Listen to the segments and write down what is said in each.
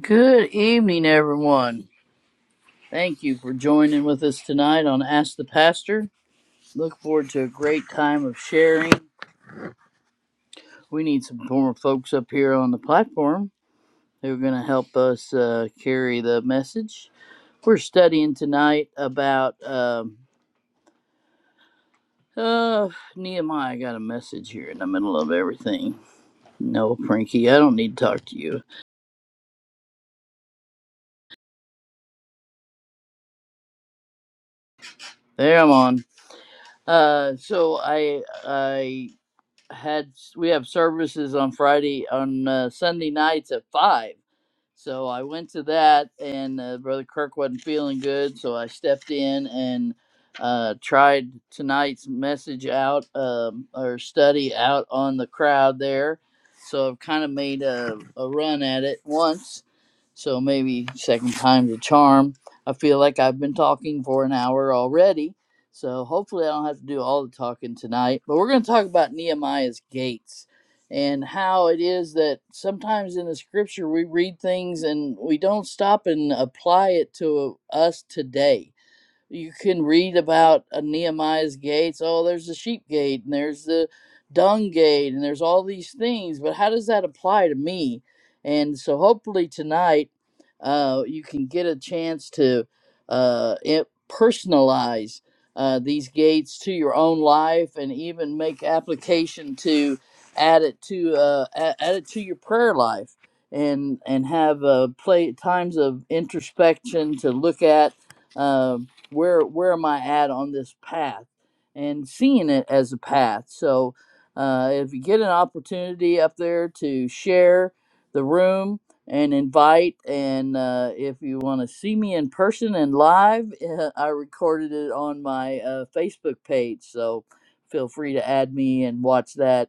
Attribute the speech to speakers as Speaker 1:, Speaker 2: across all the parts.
Speaker 1: Good evening, everyone. Thank you for joining with us tonight on Ask the Pastor. Look forward to a great time of sharing. We need some more folks up here on the platform who are going to help us uh, carry the message. We're studying tonight about um, uh, Nehemiah. I Got a message here in the middle of everything. No, Frankie, I don't need to talk to you. There, I'm on. Uh, so I, I had we have services on Friday on uh, Sunday nights at five, so I went to that, and uh, Brother Kirk wasn't feeling good, so I stepped in and uh, tried tonight's message out um, or study out on the crowd there. So I've kind of made a, a run at it once, so maybe second time's a charm. I feel like I've been talking for an hour already, so hopefully I don't have to do all the talking tonight. But we're going to talk about Nehemiah's gates and how it is that sometimes in the scripture we read things and we don't stop and apply it to us today you can read about uh, Nehemiah's gates. Oh, there's the sheep gate, and there's the dung gate, and there's all these things. But how does that apply to me? And so, hopefully, tonight uh, you can get a chance to uh, it, personalize uh, these gates to your own life, and even make application to add it to uh, a- add it to your prayer life. And, and have uh, play times of introspection to look at Um, where where am I at on this path and seeing it as a path. So uh, if you get an opportunity up there to share the room and invite, and uh, if you want to see me in person and live, uh, I recorded it on my uh, Facebook page. So feel free to add me and watch that.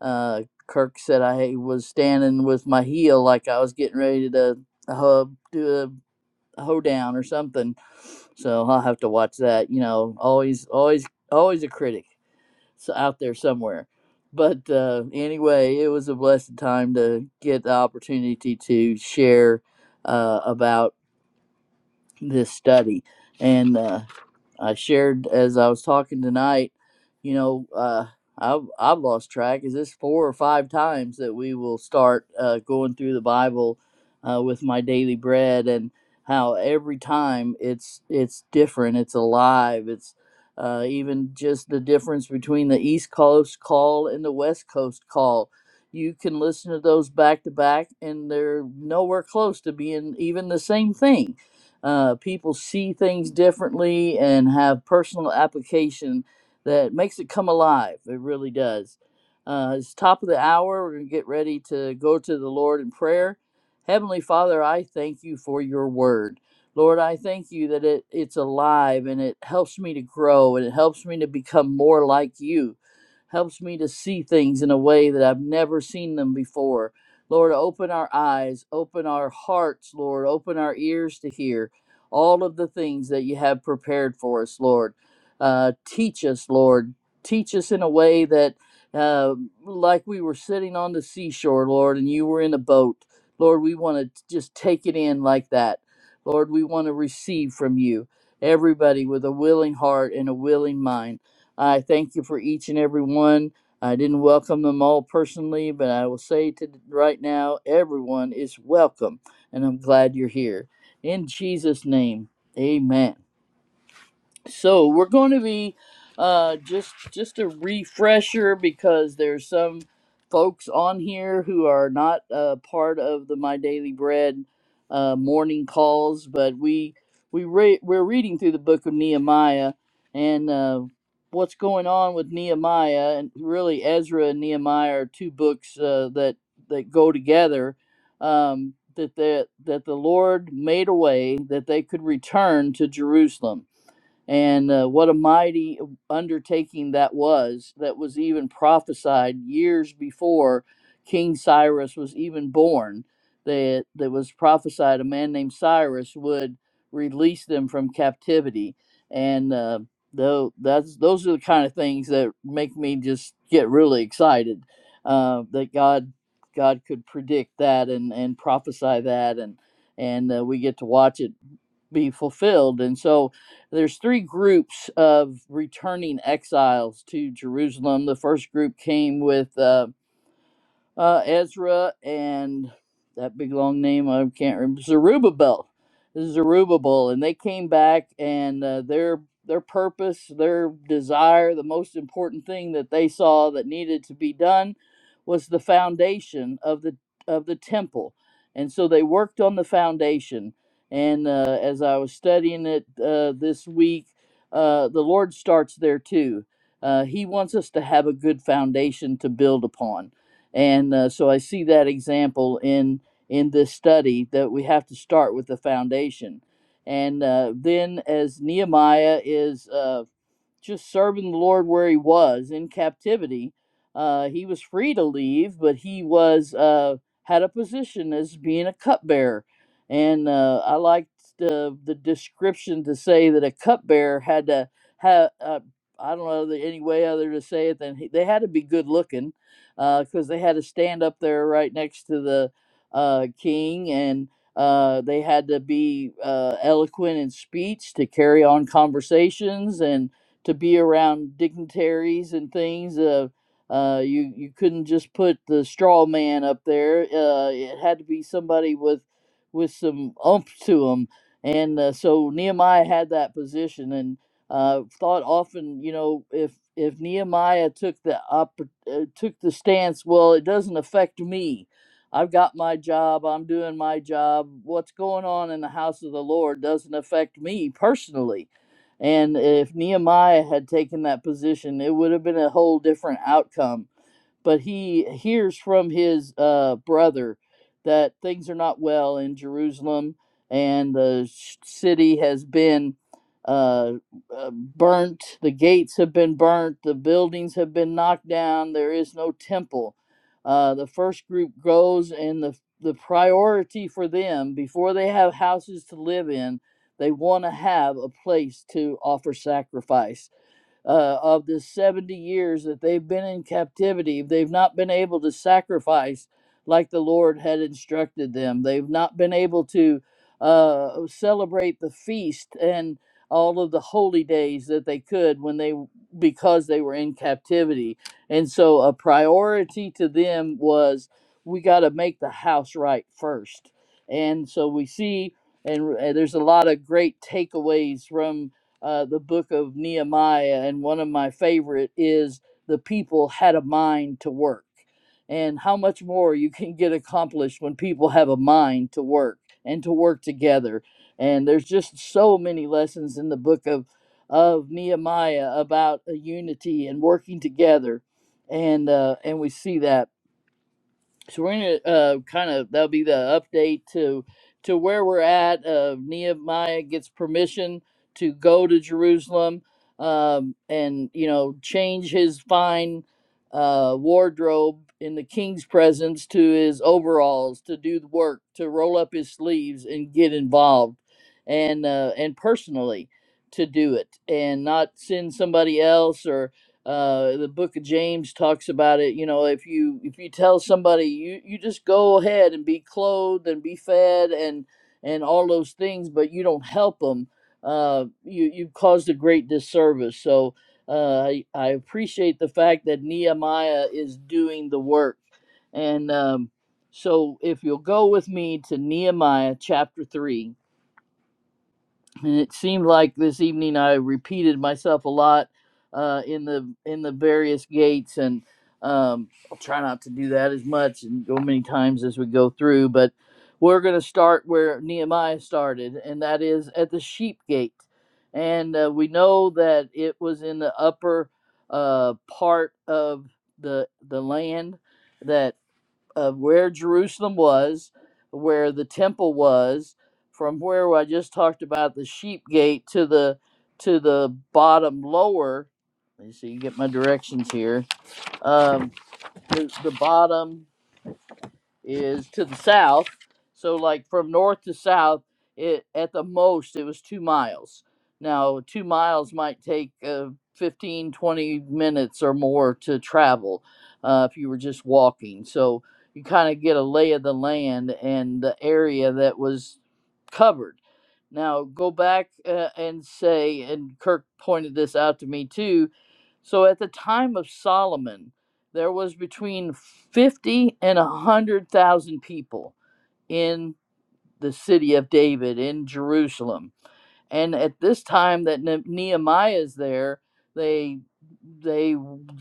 Speaker 1: Uh, Kirk said I was standing with my heel like I was getting ready to uh, do a hoedown or something. So I'll have to watch that. You know, always, always, always a critic s- out there somewhere. But uh, anyway, it was a blessed time to get the opportunity to share uh, about this study. And uh, I shared as I was talking tonight, you know, uh, I've, I've lost track. Is this four or five times that we will start uh, going through the Bible uh, with my daily bread and how every time it's it's different, it's alive, it's uh, even just the difference between the East Coast call and the West Coast call. You can listen to those back to back, and they're nowhere close to being even the same thing uh, people see things differently and have personal application that makes it come alive. It really does. Uh, it's top of the hour. We're going to get ready to go to the Lord in prayer. Heavenly Father, I thank you for your word. Lord, I thank you that it, it's alive and it helps me to grow and it helps me to become more like you. Helps me to see things in a way that I've never seen them before. Lord, open our eyes, open our hearts, Lord, open our ears to hear all of the things that you have prepared for us, Lord. Uh, teach us, Lord. Teach us in a way that, uh, like we were sitting on the seashore, Lord, and you were in a boat. Lord, we want to just take it in like that. Lord, we want to receive from you, everybody with a willing heart and a willing mind. I thank you for each and every one. I didn't welcome them all personally, but I will say to right now, everyone is welcome, and I'm glad you're here. In Jesus' name, amen so we're going to be uh just just a refresher because there's some folks on here who are not uh, part of the my daily bread uh, morning calls but we we re- we're reading through the book of nehemiah and uh, what's going on with nehemiah and really ezra and nehemiah are two books uh, that that go together um, that the, that the lord made a way that they could return to jerusalem and uh, what a mighty undertaking that was, that was even prophesied years before King Cyrus was even born. That, that was prophesied a man named Cyrus would release them from captivity. And uh, though that's those are the kind of things that make me just get really excited uh, that God God could predict that and, and prophesy that and and uh, we get to watch it be fulfilled. And so there's three groups of returning exiles to Jerusalem. The first group came with uh, uh, Ezra and that big long name I can't remember Zerubbabel, Zerubbabel, and they came back and uh, their their purpose, their desire, the most important thing that they saw that needed to be done was the foundation of the of the temple, and so they worked on the foundation. And uh, as I was studying it uh, this week, uh, the Lord starts there too. Uh, he wants us to have a good foundation to build upon and uh, so I see that example in in this study that we have to start with the foundation, and uh, then as Nehemiah is. Uh, just serving the Lord where he was in captivity. Uh, he was free to leave, but he was uh, had a position as being a cupbearer, and uh, I liked the the description to say that a cupbearer had to have. Uh, I don't know the- any way other to say it than he, they had to be good looking, because they had to stand up there right next to the uh, king, and uh, they had to be uh, eloquent in speech to carry on conversations, and to be around dignitaries and things. Uh, uh, you you couldn't just put the straw man up there. Uh, it had to be somebody with with some oomph to him. And uh, so Nehemiah had that position, and uh, thought often, you know, if if Nehemiah took the oppor- uh, took the stance, well, it doesn't affect me. I've got my job. I'm doing my job. What's going on in the house of the Lord doesn't affect me personally and if Nehemiah had taken that position, it would have been a whole different outcome but he hears from his uh, brother that things are not well in Jerusalem and the city has been uh, uh, burnt, the gates have been burnt, the buildings have been knocked down, there is no temple. Uh, the first group goes, and the, the priority for them before they have houses to live in, they want to have a place to offer sacrifice uh, of the 70 years that they've been in captivity. They've not been able to sacrifice like the Lord had instructed them. They've not been able to uh, celebrate the feast and all of the holy days that they could when they because they were in captivity. And so a priority to them was we got to make the house right first. And so we see and, r- and there's a lot of great takeaways from uh, the book of Nehemiah, and one of my favorite is the people had a mind to work. And how much more you can get accomplished when people have a mind to work and to work together. And there's just so many lessons in the book of of Nehemiah about a unity and working together, and uh, and we see that so we're gonna uh, kind of that'll be the update to to where we're at. Uh, Nehemiah gets permission to go to Jerusalem um, and you know change his fine uh, wardrobe in the king's presence to his overalls to do the work to roll up his sleeves and get involved and uh, and personally to do it and not send somebody else or uh, the book of james talks about it you know if you if you tell somebody you you just go ahead and be clothed and be fed and and all those things but you don't help them uh, you you've caused a great disservice so uh, I, I appreciate the fact that nehemiah is doing the work and um, so if you'll go with me to nehemiah chapter 3 and it seemed like this evening I repeated myself a lot uh, in the in the various gates, and um, I'll try not to do that as much and go many times as we go through. But we're going to start where Nehemiah started, and that is at the sheep gate, and uh, we know that it was in the upper uh, part of the the land that of where Jerusalem was, where the temple was, from where I just talked about the sheep gate to the to the bottom lower. Let me see, get my directions here. Um, the the bottom is to the south. So like from north to south, it at the most it was 2 miles. Now, 2 miles might take uh, 15 20 minutes or more to travel uh, if you were just walking. So you kind of get a lay of the land and the area that was covered. Now, go back uh, and say and Kirk pointed this out to me too. So at the time of Solomon, there was between 50 and 100,000 people in the city of David in Jerusalem. And at this time that Ne- Nehemiah is there, they they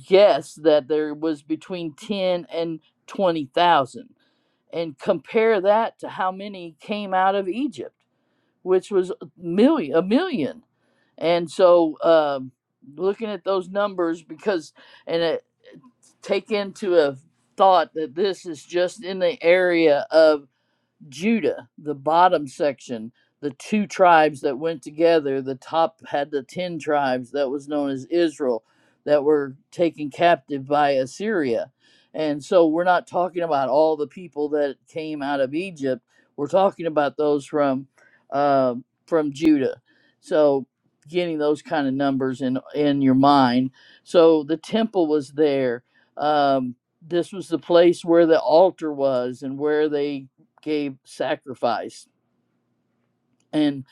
Speaker 1: guess that there was between 10 and 20,000. And compare that to how many came out of Egypt, which was a million, a million. And so um looking at those numbers because and take into a thought that this is just in the area of Judah, the bottom section, the two tribes that went together, the top had the 10 tribes that was known as Israel that were taken captive by Assyria. And so we're not talking about all the people that came out of Egypt. We're talking about those from uh, from Judah. So getting those kind of numbers in in your mind. So the temple was there. Um, this was the place where the altar was and where they Gabe sacrificed. And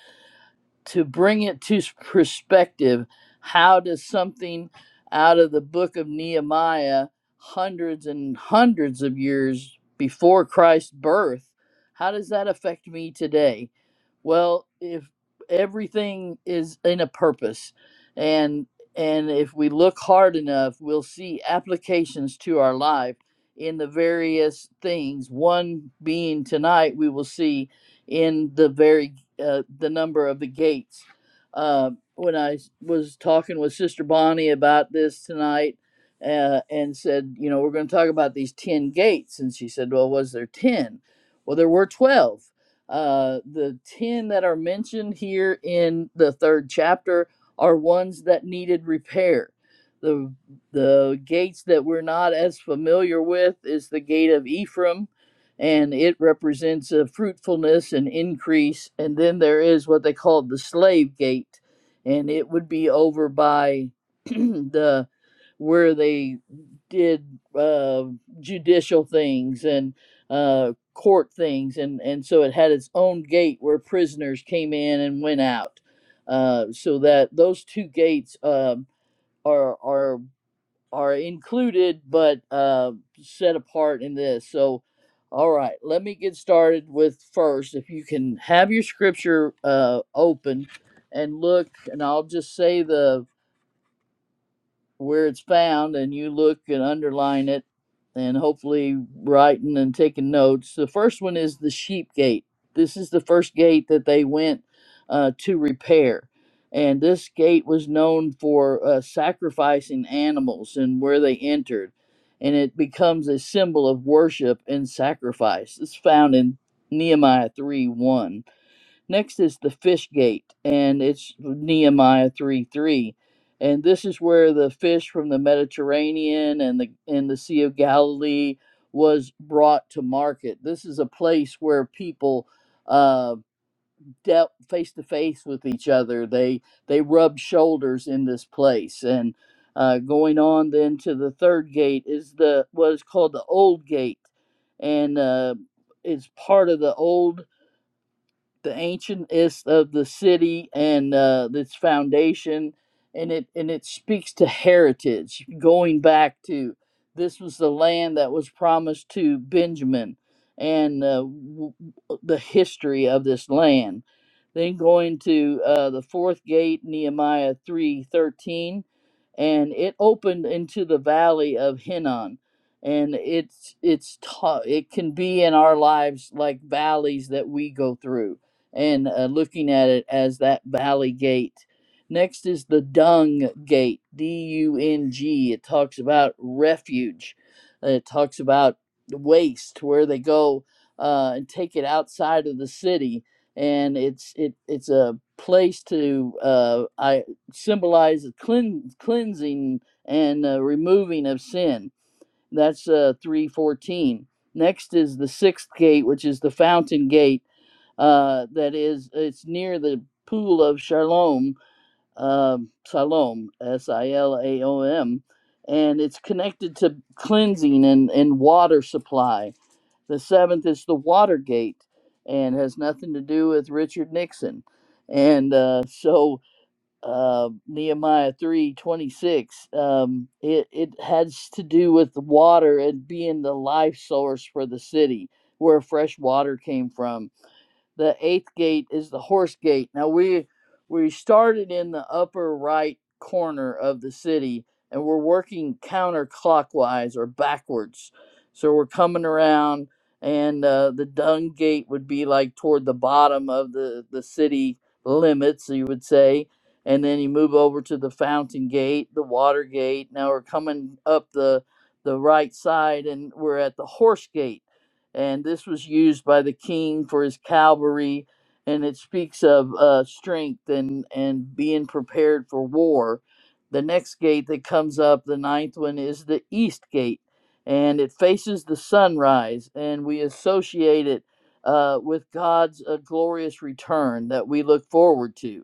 Speaker 1: to bring it to perspective, how does something out of the book of Nehemiah, hundreds and hundreds of years before Christ's birth, how does that affect me today? Well, if everything is in a purpose and and if we look hard enough, we'll see applications to our life in the various things. One being tonight, we will see in the very uh, the number of the gates. Uh, when I was talking with Sister Bonnie about this tonight, uh, and said, you know, we're going to talk about these ten gates, and she said, well, was there ten? Well, there were twelve. Uh, the ten that are mentioned here in the third chapter are ones that needed repair. The the gates that we're not as familiar with is the gate of Ephraim, and it represents a fruitfulness and increase. And then there is what they call the slave gate, and it would be over by the where they did uh, judicial things and uh, court things, and and so it had its own gate where prisoners came in and went out. Uh, so that those two gates um, are are are included but uh, set apart in this. So, all right, let me get started with first. If you can have your scripture uh, open and look, and I'll just say the where it's found and you look and underline it and hopefully writing and taking notes. The first one is the sheep gate. This is the first gate that they went uh, to repair. And this gate was known for uh, sacrificing animals and where they entered. And it becomes a symbol of worship and sacrifice. It's found in Nehemiah 3 1 Next is the fish gate, and it's Nehemiah 3 3. And this is where the fish from the Mediterranean and the and the Sea of Galilee was brought to market. This is a place where people uh, dealt face to face with each other. They they rubbed shoulders in this place. And uh, going on then to the third gate is the what is called the Old Gate, and uh, it's part of the old the ancient is of the city and uh, its foundation, and it and it speaks to heritage, going back to this was the land that was promised to Benjamin, and uh, w- w- the history of this land. Then going to uh, the fourth gate, Nehemiah three thirteen, and it opened into the valley of Hinnon and it's it's ta- it can be in our lives like valleys that we go through and uh, looking at it as that valley gate. Next is the dung gate, D U N G. It talks about refuge, Uh, it talks about waste, where they go uh, and take it outside of the city. And it's it it's a place to uh, I symbolize a clean, cleansing and uh, removing of sin. That's uh, three fourteen. Next is the sixth gate, which is the fountain gate uh, that is it's near the pool of Shalom, um Siloam, S I L A O M, and it's connected to cleansing and, and water supply. The seventh is the Watergate, and has nothing to do with Richard Nixon. And uh, so uh, Nehemiah three twenty six, um, it it has to do with the water and being the life source for the city, where fresh water came from the eighth gate is the horse gate. Now we we started in the upper right corner of the city and we're working counterclockwise or backwards. So we're coming around and uh, the dung gate would be like toward the bottom of the, the city limits, you would say. And then you move over to the fountain gate, the water gate. Now we're coming up the the right side and we're at the horse gate and this was used by the king for his cavalry and it speaks of uh, strength and and being prepared for war the next gate that comes up the ninth one is the east gate and it faces the sunrise and we associate it uh, with god's uh, glorious return that we look forward to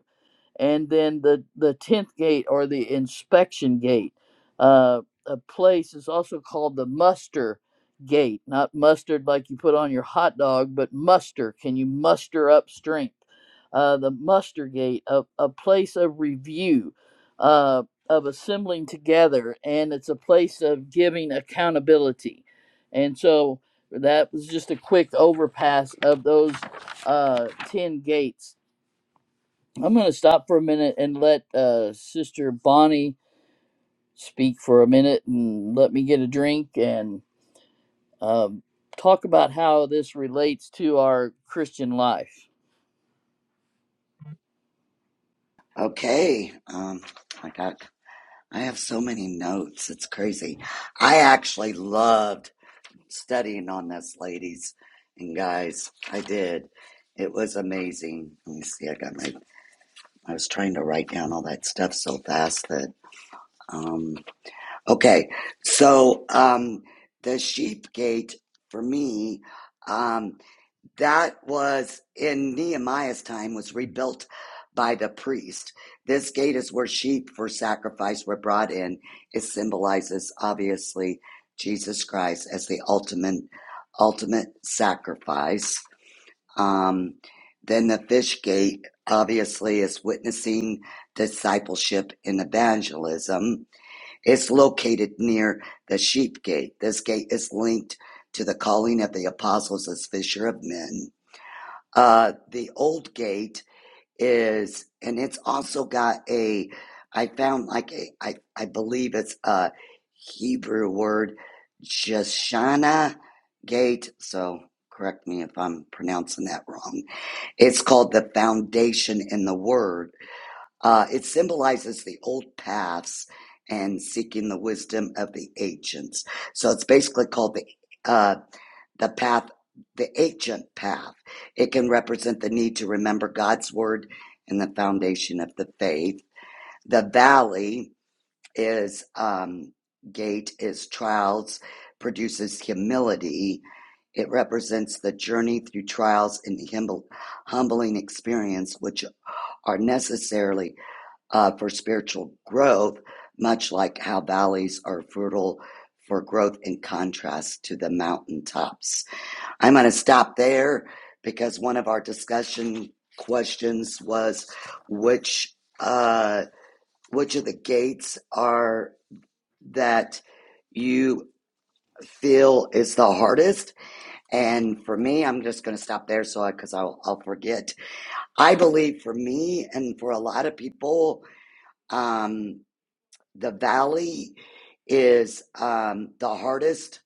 Speaker 1: and then the the tenth gate or the inspection gate. Uh, a place is also called the muster gate, not mustard like you put on your hot dog, but muster. Can you muster up strength? Uh, the muster gate, a, a place of review, uh, of assembling together, and it's a place of giving accountability. And so that was just a quick overpass of those uh, 10 gates I'm going to stop for a minute and let uh, Sister Bonnie speak for a minute and let me get a drink and um, talk about how this relates to our Christian life.
Speaker 2: Okay. Um, my God, I have so many notes. It's crazy. I actually loved studying on this, ladies and guys. I did. It was amazing. Let me see. I got my, I was trying to write down all that stuff so fast that, um, okay. So, um, the sheep gate for me, um, that was in Nehemiah's time was rebuilt by the priest. This gate is where sheep for sacrifice were brought in. It symbolizes obviously Jesus Christ as the ultimate ultimate sacrifice. Um, then the fish gate obviously is witnessing discipleship and evangelism. It's located near the sheep gate. This gate is linked to the calling of the apostles as fisher of men uh, the old gate is, and it's also got a, I found like a, I, I believe it's a Hebrew word, Jeshana gate. So correct me if I'm pronouncing that wrong. It's called the foundation in the word. Uh, it symbolizes the old paths and seeking the wisdom of the ancients. So it's basically called the uh, the path, the ancient path. It can represent the need to remember God's word and the foundation of the faith. The valley is um, gate is trials, produces humility. It represents the journey through trials and humble, humbling experience, which are necessarily uh, for spiritual growth, much like how valleys are fertile for growth in contrast to the mountaintops I'm going to stop there because one of our discussion questions was which uh, which of the gates are that you feel is the hardest. And for me, I'm just going to stop there so because I'll I'll forget. I believe for me and for a lot of people, um, the valley is um, the hardest.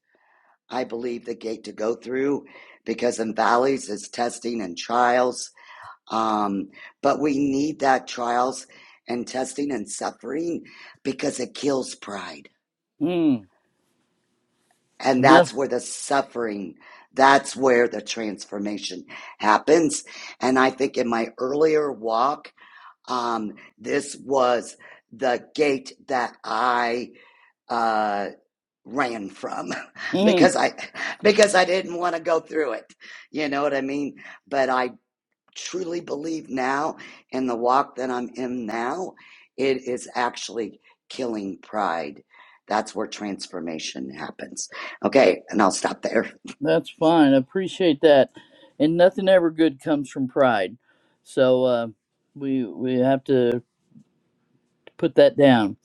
Speaker 2: I believe the gate to go through because in valleys is testing and trials Um, but we need that trials and testing and suffering because it kills pride.
Speaker 1: Mm,
Speaker 2: And
Speaker 1: no,
Speaker 2: that's where the suffering, that's where the transformation happens. And I think in my earlier walk, um, this was the gate that I uh, ran from
Speaker 1: mm,
Speaker 2: because I because I didn't want to go through it. You know what I mean? But I truly believe now in the walk that I'm in now, it is actually killing pride. That's where transformation happens. Okay, and I'll stop there.
Speaker 1: that's fine. I appreciate that. And nothing ever good comes from pride. So uh, we we have to put that down.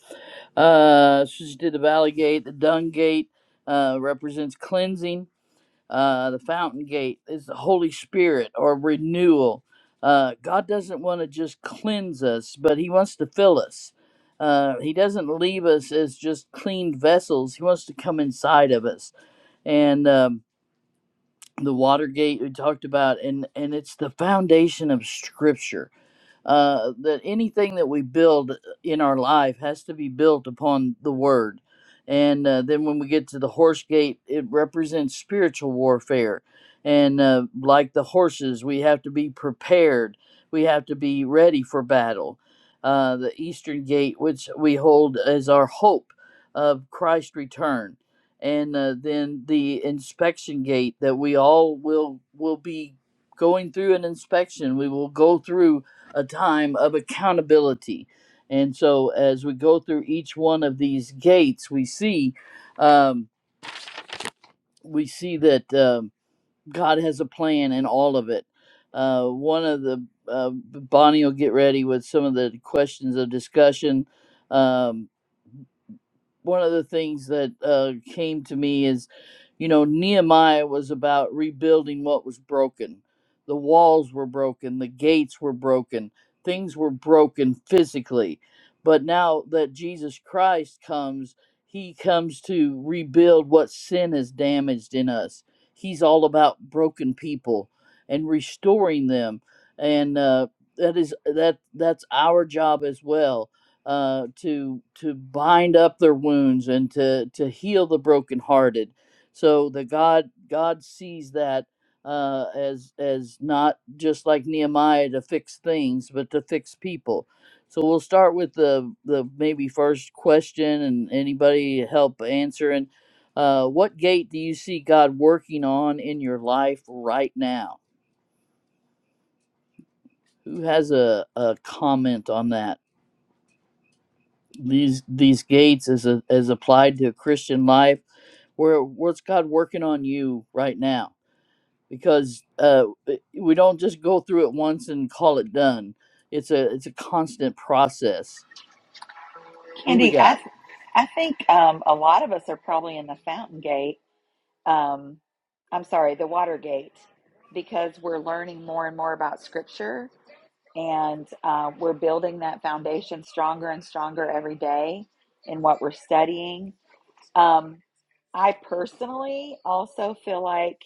Speaker 1: Uh, she did the Valley Gate, the Dung Gate uh, represents cleansing uh, the fountain gate is the Holy Spirit or renewal. Uh, God doesn't want to just cleanse us, but He wants to fill us. Uh, he doesn't leave us as just clean vessels. He wants to come inside of us. And um, the water gate we talked about, and and it's the foundation of Scripture uh, that anything that we build uh, in our life has to be built upon the word. And uh, then when we get to the horse gate, it represents spiritual warfare. And uh, like the horses, we have to be prepared, we have to be ready for battle. Uh, the eastern gate, which we hold as our hope of Christ's return. And uh, then the inspection gate that we all will will be going through an inspection. We will go through a time of accountability. And so, as we go through each one of these gates, we see um, we see that um, God has a plan in all of it. Uh, one of the uh, Bonnie will get ready with some of the questions of discussion. Um, one of the things that uh, came to me is, you know, Nehemiah was about rebuilding what was broken. The walls were broken, the gates were broken, things were broken physically. But now that Jesus Christ comes, he comes to rebuild what sin has damaged in us. He's all about broken people and restoring them. And uh, that is that that's our job as well uh, to to bind up their wounds and to to heal the brokenhearted. So that God God sees that uh, as as not just like Nehemiah to fix things, but to fix people. So we'll start with the the maybe first question, and anybody help answering. Uh, what gate do you see God working on in your life right now? Who has a, a comment on that? these these gates as a, as applied to a Christian life? Where what's God working on you right now? Because uh, we don't just go through it once and call it done. It's a it's a constant process. Who we
Speaker 3: Andy, I,
Speaker 1: got?
Speaker 3: th- I think um, a lot of us are probably in the fountain gate. Um, I'm sorry, the water gate, because we're learning more and more about Scripture and uh, we're building that foundation stronger and stronger every day in what we're studying. Um, I personally also feel like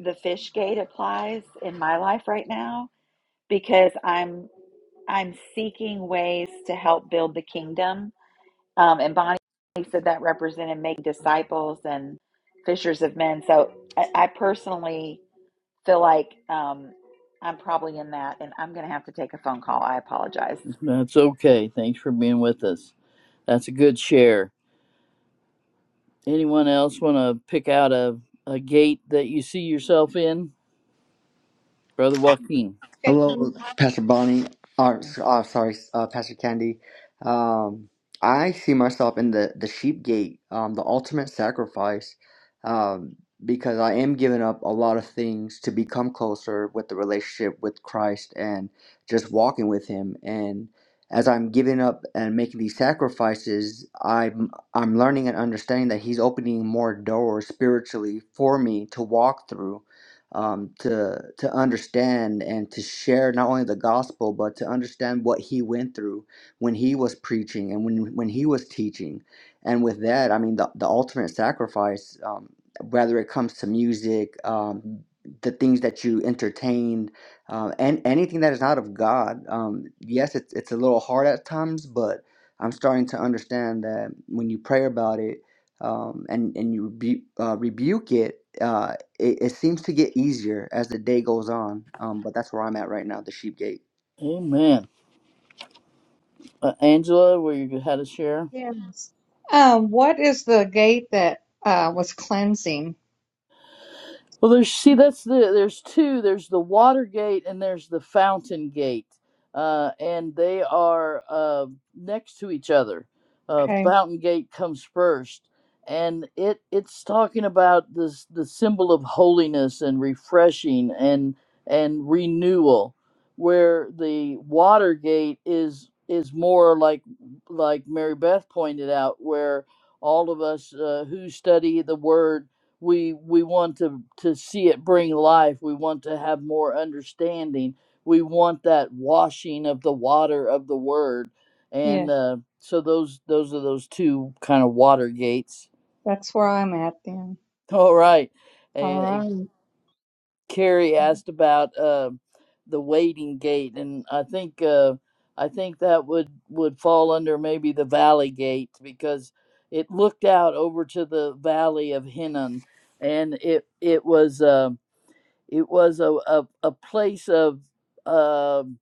Speaker 3: the fish gate applies in my life right now because I'm I'm seeking ways to help build the kingdom um, and Bonnie said that represented making disciples and fishers of men. So I, I personally feel like um, I'm probably in that, and I'm going to have to take a phone call. I apologize.
Speaker 1: That's okay. Thanks for being with us. That's a good share. Anyone else want to pick out a, a gate that you see yourself in, Brother Joaquin?
Speaker 4: Okay,
Speaker 5: Hello, Pastor Bonnie. Or, uh, sorry, uh, Pastor Candy. Um, I see myself in the, the sheep gate, um, the ultimate sacrifice, um, because I am giving up a lot of things to become closer with the relationship with Christ and just walking with Him. And as I'm giving up and making these sacrifices, I'm I'm learning and understanding that He's opening more doors spiritually for me to walk through um, to to understand and to share not only the gospel but to understand what he went through when he was preaching and when when he was teaching and with that i mean the, the ultimate sacrifice um, whether it comes to music um, the things that you entertain um, and anything that is not of god um, yes it's, it's a little hard at times but i'm starting to understand that when you pray about it um, and and you rebu- uh, rebuke it. Uh, it, it seems to get easier as the day goes on. Um, but that's where I'm at right now, the sheep gate.
Speaker 1: Amen. Uh, Angela, where you had a share?
Speaker 4: yes. Um, what is the gate that uh, was cleansing?
Speaker 1: Well, there's see that's the there's two. There's the Watergate and there's the fountain gate, uh, and they are uh, next to each other. Uh,
Speaker 4: Okay,
Speaker 1: fountain gate comes first, and it it's talking about this the symbol of holiness and refreshing and and renewal, where the Watergate is is more like like Mary Beth pointed out, where all of us uh, who study the word we we want to to see it bring life we want to have more understanding we want that washing of the water of the word
Speaker 4: yeah,
Speaker 1: and uh, so those those are those two kind of water gates
Speaker 4: that's where I'm at then.
Speaker 1: all right
Speaker 4: All
Speaker 1: and
Speaker 4: right.
Speaker 1: carrie asked about uh, the waiting gate and i think uh, i think that would would fall under maybe the valley gate because it looked out over to the valley of hinnon and it it was um it was a, a, a place of um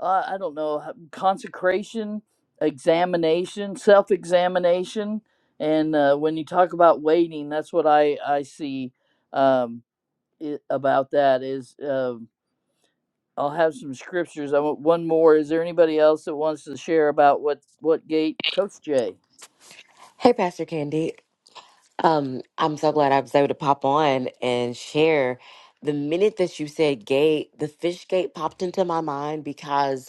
Speaker 1: uh, i don't know h- consecration examination self-examination and uh, when you talk about waiting that's what i i see um it, about that is um i'll have some scriptures i want one more is there anybody else that wants to share about what what gate coach jay
Speaker 6: Hey, Pastor Candy. Um, I'm so glad I was able to pop on and share. The minute that you said gate, the fish gate popped into my mind because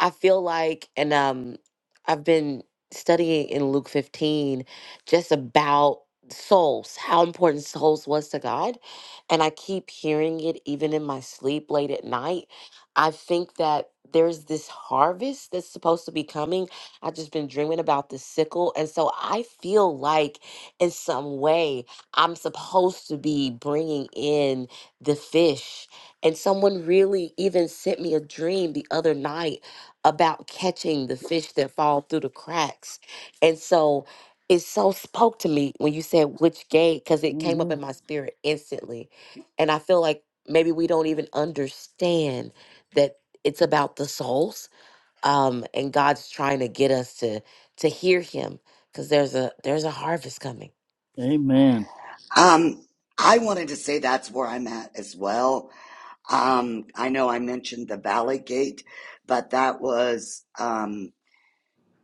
Speaker 6: I feel like, and um, I've been studying in Luke 15 just about souls, how important souls was to God. And I keep hearing it even in my sleep late at night. I think that there's this harvest that's supposed to be coming. I've just been dreaming about the sickle. And so I feel like, in some way, I'm supposed to be bringing in the fish. And someone really even sent me a dream the other night about catching the fish that fall through the cracks. And so it so spoke to me when you said which gate, because it came up
Speaker 1: hmm
Speaker 6: in my spirit instantly. And I feel like maybe we don't even understand that it's about the souls. Um, and God's trying to get us to to hear him because there's a there's a harvest coming.
Speaker 1: amen
Speaker 2: Um, I wanted to say that's where I'm at as well. Um, I know I mentioned the Valley Gate, but that was um.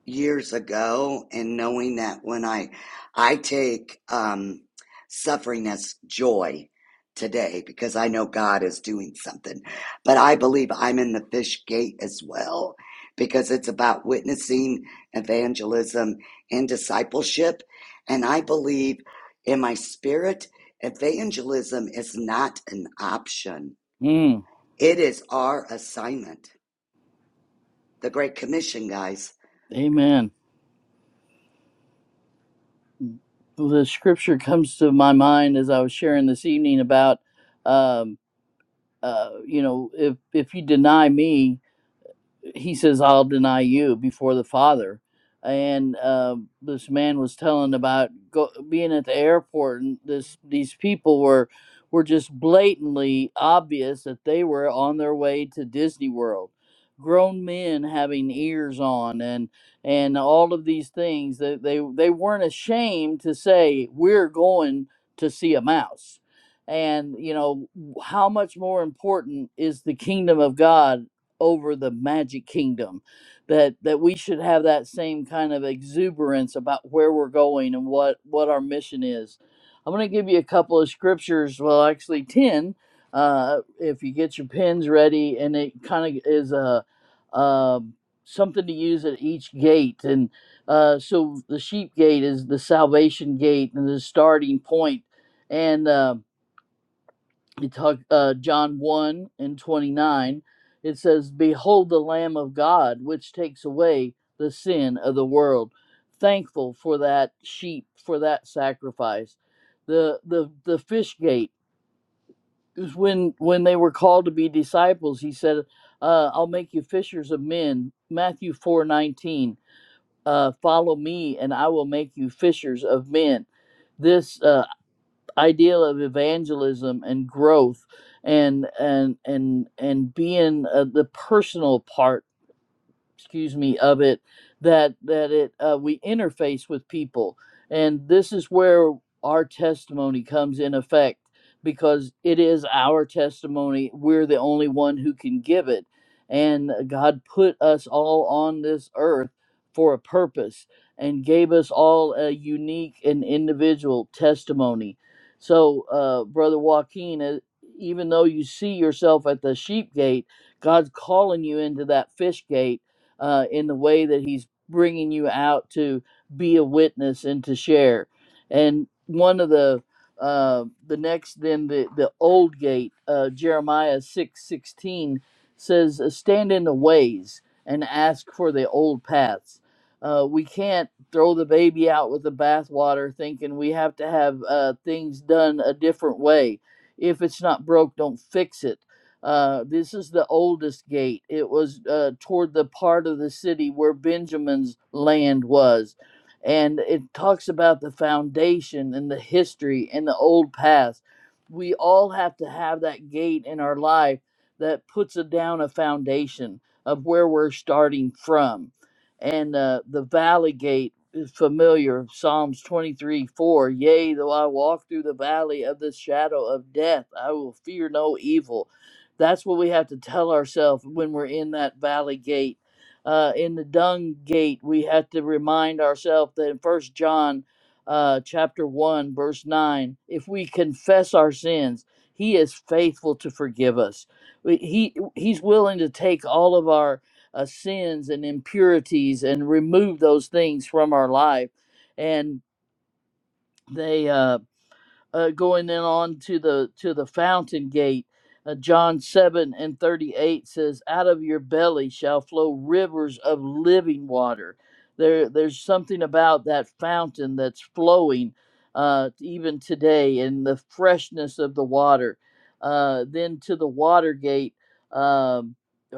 Speaker 2: years ago and knowing that when I I take um suffering as joy today because I know God is doing something. But I believe I'm in the fish gate as well because it's about witnessing, evangelism and discipleship and I believe in my spirit evangelism is not an option.
Speaker 1: mm,
Speaker 2: It is our assignment. The great commission, guys.
Speaker 1: amen the scripture comes to my mind as i was sharing this evening about uh, you know, if if you deny me, he says, I'll deny you before the Father. And uh, this man was telling about go, being at the airport, and this these people were were just blatantly obvious that they were on their way to Disney World. Grown men having ears on, and and all of these things that they they weren't ashamed to say we're going to see a mouse. And you know how much more important is the kingdom of God over the magic kingdom that that we should have that same kind of exuberance about where we're going and what what our mission is i'm going to give you a couple of scriptures well actually 10 uh, if you get your pens ready and it kind of is a um something to use at each gate and uh, so the sheep gate is the salvation gate and the starting point and um you talk uh, John 1 and 29, it says, Behold the Lamb of God, which takes away the sin of the world. Thankful for that sheep, for that sacrifice. The the the fish gate is when when they were called to be disciples, he said, uh, I'll make you fishers of men. Matthew four nineteen. Uh, follow me and I will make you fishers of men. This uh, ideal of evangelism and growth and and and and being uh, the personal part excuse me of it that that it uh, we interface with people and this is where our testimony comes in effect because it is our testimony we're the only one who can give it and god put us all on this earth for a purpose and gave us all a unique and individual testimony so uh, brother joaquin uh, even though you see yourself at the sheep gate god's calling you into that fish gate uh, in the way that He's bringing you out to be a witness and to share. And one of the uh, the next then the the old gate uh, Jeremiah six sixteen says "Uh, stand in the ways and ask for the old paths. Uh, we can't throw the baby out with the bathwater thinking we have to have uh, things done a different way. If it's not broke, don't fix it uh, this is the oldest gate. It was uh, toward the part of the city where Benjamin's land was. And it talks about the foundation and the history and the old paths. We all have to have that gate in our life that puts a, down a foundation of where we're starting from. And uh, the valley gate is familiar, Psalms 23 4. Yea, though I walk through the valley of the shadow of death, I will fear no evil that's what we have to tell ourselves when we're in that valley gate. Uh, in the dung gate, we have to remind ourselves that in First John uh, chapter 1, verse 9, if we confess our sins, he is faithful to forgive us. We- He, he's willing to take all of our uh, sins and impurities and remove those things from our life. And they, uh, uh, going in on to the to the fountain gate. Uh, John seven and thirty eight says, "Out of your belly shall flow rivers of living water." There, there's something about that fountain that's flowing uh, even today, and the freshness of the water. Uh, then to the water gate, um,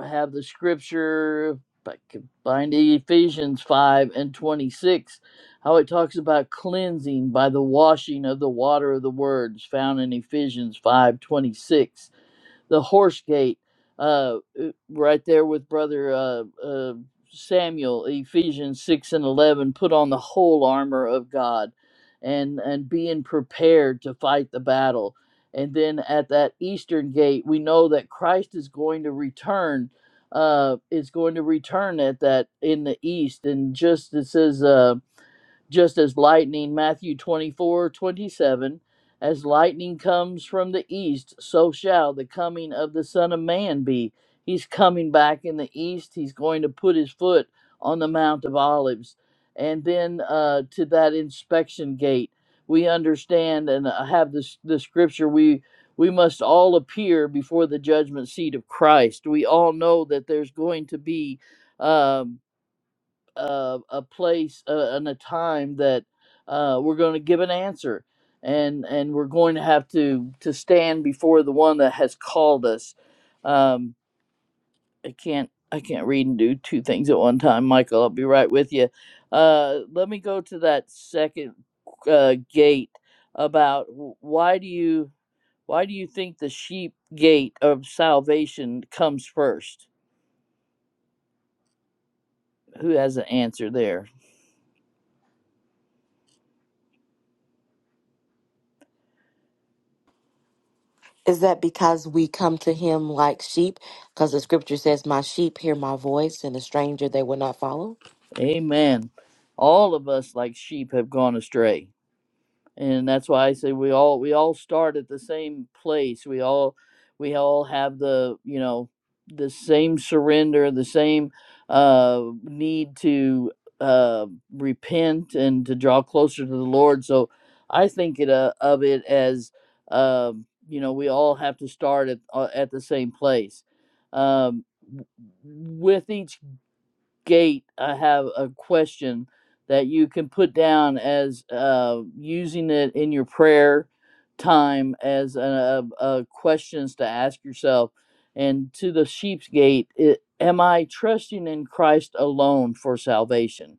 Speaker 1: have the scripture. If I can find Ephesians five and twenty six how it talks about cleansing by the washing of the water of the words found in Ephesians 5:26 the horse gate uh uh, right there with brother uh, uh Samuel Ephesians 6 and 11 put on the whole armor of God and and being prepared to fight the battle and then at that eastern gate we know that Christ is going to return uh is going to return at that in the east and just it says uh just as lightning, Matthew 24 27, as lightning comes from the east, so shall the coming of the Son of Man be. He's coming back in the east. He's going to put his foot on the Mount of Olives. And then uh, to that inspection gate, we understand and uh, have this the scripture we we must all appear before the judgment seat of Christ. We all know that there's going to be um, uh, a place uh, and a time that uh, we're going to give an answer and and we're going to have to to stand before the one that has called us um, i can't i can't read and do two things at one time michael i'll be right with you uh, let me go to that second uh, gate about wh- why do you why do you think the sheep gate of salvation comes first who has an answer there
Speaker 6: Is that because we come to him like sheep? Because the scripture says, My sheep hear my voice, and a stranger they will not follow?
Speaker 1: Amen. All of us like sheep have gone astray. And that's why I say we all we all start at the same place. We all we all have the, you know, the same surrender, the same uh need to uh repent and to draw closer to the Lord. So I think it, uh, of it as um you know, we all have to start at uh, at the same place. Um w- with each gate, I have a question that you can put down as uh, using it in your prayer time as a, a, a questions to ask yourself. And to the sheep's gate, it, am I trusting in Christ alone for salvation?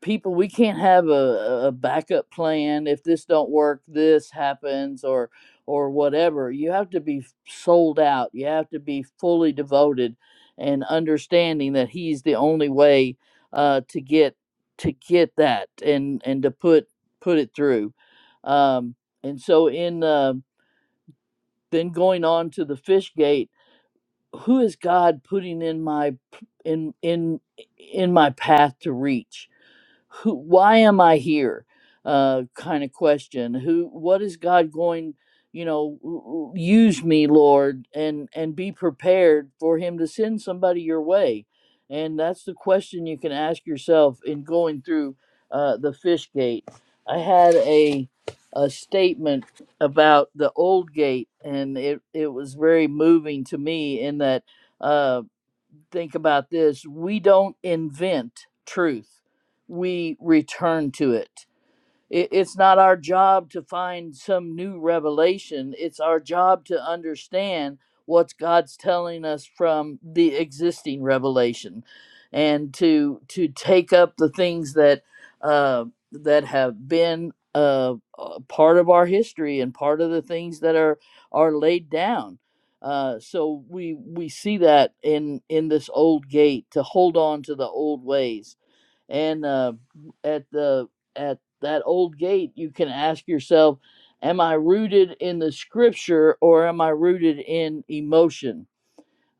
Speaker 1: people we can't have a, a backup plan if this don't work this happens or or whatever you have to be sold out you have to be fully devoted and understanding that he's the only way uh, to get to get that and and to put put it through um, and so in uh, then going on to the fish gate who is god putting in my in in in my path to reach who why am i here uh kind of question who what is god going you know use me lord and and be prepared for him to send somebody your way and that's the question you can ask yourself in going through uh the fish gate i had a a statement about the old gate and it it was very moving to me in that Uh think about this we don't invent truth, we return to it. It, it's not our job to find some new revelation. It's our job to understand what God's telling us from the existing revelation, and to to take up the things that uh, that have been uh, uh, part of our history and part of the things that are are laid down. Uh, so we we see that in in this old gate to hold on to the old ways and uh, at the at that old gate you can ask yourself am i rooted in the scripture or am i rooted in emotion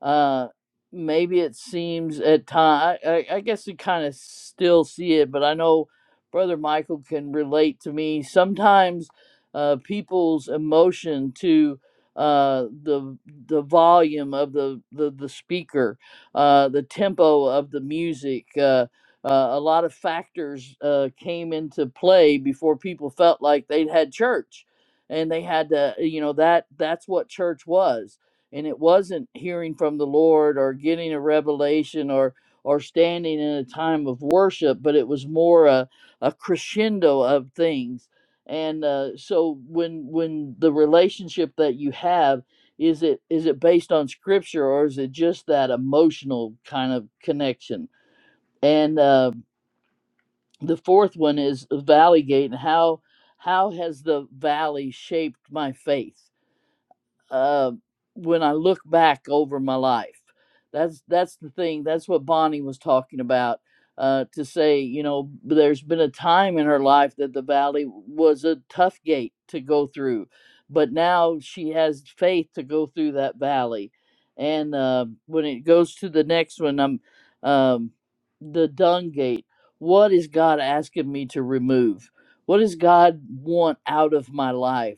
Speaker 1: uh, maybe it seems at time. I, I I guess we kind of still see it, but I know Brother Michael can relate to me. Sometimes uh, people's emotion to uh, the the volume of the the, the speaker, uh, the tempo of the music. Uh, uh, a lot of factors uh, came into play before people felt like they'd had church, and they had to, you know, that that's what church was and it wasn't hearing from the lord or getting a revelation or or standing in a time of worship but it was more a, a crescendo of things and uh, so when when the relationship that you have is it is it based on scripture or is it just that emotional kind of connection and uh, the fourth one is valley gate and how how has the valley shaped my faith uh, when I look back over my life. That's that's the thing. That's what Bonnie was talking about. Uh, to say, you know, there's been a time in her life that the valley was a tough gate to go through, but now she has faith to go through that valley. And uh, when it goes to the next one, I'm um, the dung gate. What is God asking me to remove? What does God want out of my life?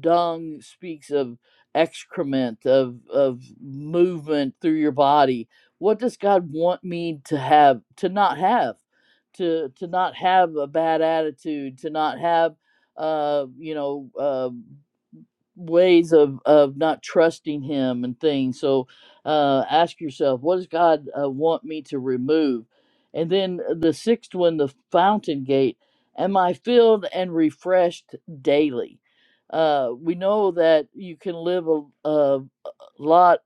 Speaker 1: dung speaks of excrement of of movement through your body what does god want me to have to not have to to not have a bad attitude to not have uh you know uh ways of of not trusting him and things so uh ask yourself what does god uh, want me to remove and then uh, the sixth one the fountain gate am i filled and refreshed daily uh we know that you can live a, a lot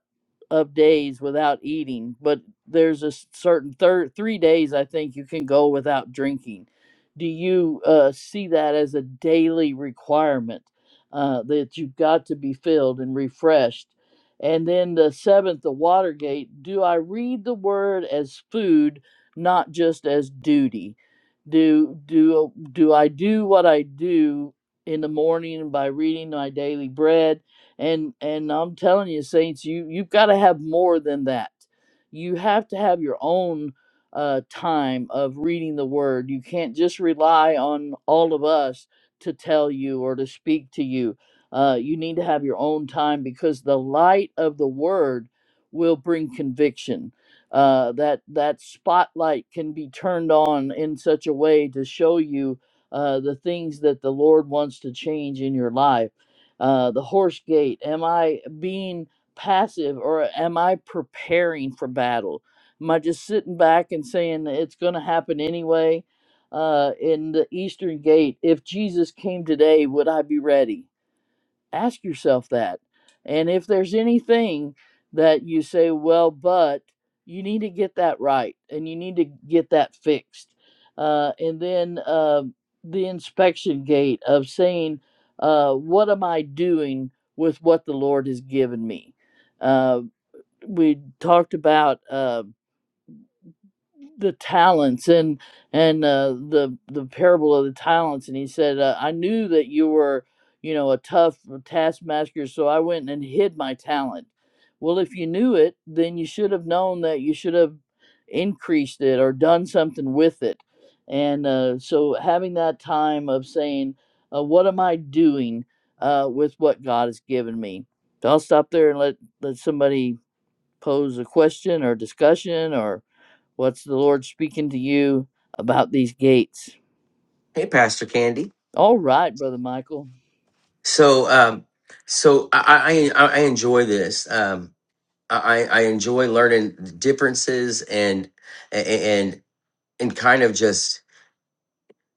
Speaker 1: of days without eating, but there's a certain thir- three days I think you can go without drinking. Do you uh, see that as a daily requirement uh, that you've got to be filled and refreshed? And then the seventh, the Watergate. Do I read the word as food, not just as duty? Do do do I do what I do in the morning by reading my daily bread? and and i'm telling you saints you you've got to have more than that you have to have your own uh, time of reading the word you can't just rely on all of us to tell you or to speak to you uh, you need to have your own time because the light of the word will bring conviction uh, that that spotlight can be turned on in such a way to show you uh, the things that the lord wants to change in your life uh, the horse gate? Am I being passive or am I preparing for battle? Am I just sitting back and saying it's going to happen anyway? Uh, in the Eastern Gate, if Jesus came today, would I be ready? ask yourself that. And if there's anything that you say, well, but you need to get that right and you need to get that fixed. Uh, and then uh, the inspection gate of saying, uh, what am I doing with what the Lord has given me? Uh, we talked about. uh, the talents and and uh, the the parable of the talents and he said uh, i knew that you were you know a tough uh, taskmaster so i went and hid my talent well if you knew it then you should have known that you should have increased it or done something with it and uh, so having that time of saying uh, what am i doing uh, with what god has given me So i'll stop there and let let somebody pose a question or discussion or What's the Lord speaking to you about these gates?
Speaker 7: Hey, Pastor Candy.
Speaker 1: All right, brother Michael.
Speaker 7: So, um, so I, I, I I enjoy this. Um, I, I enjoy learning the differences and, and, and kind of just,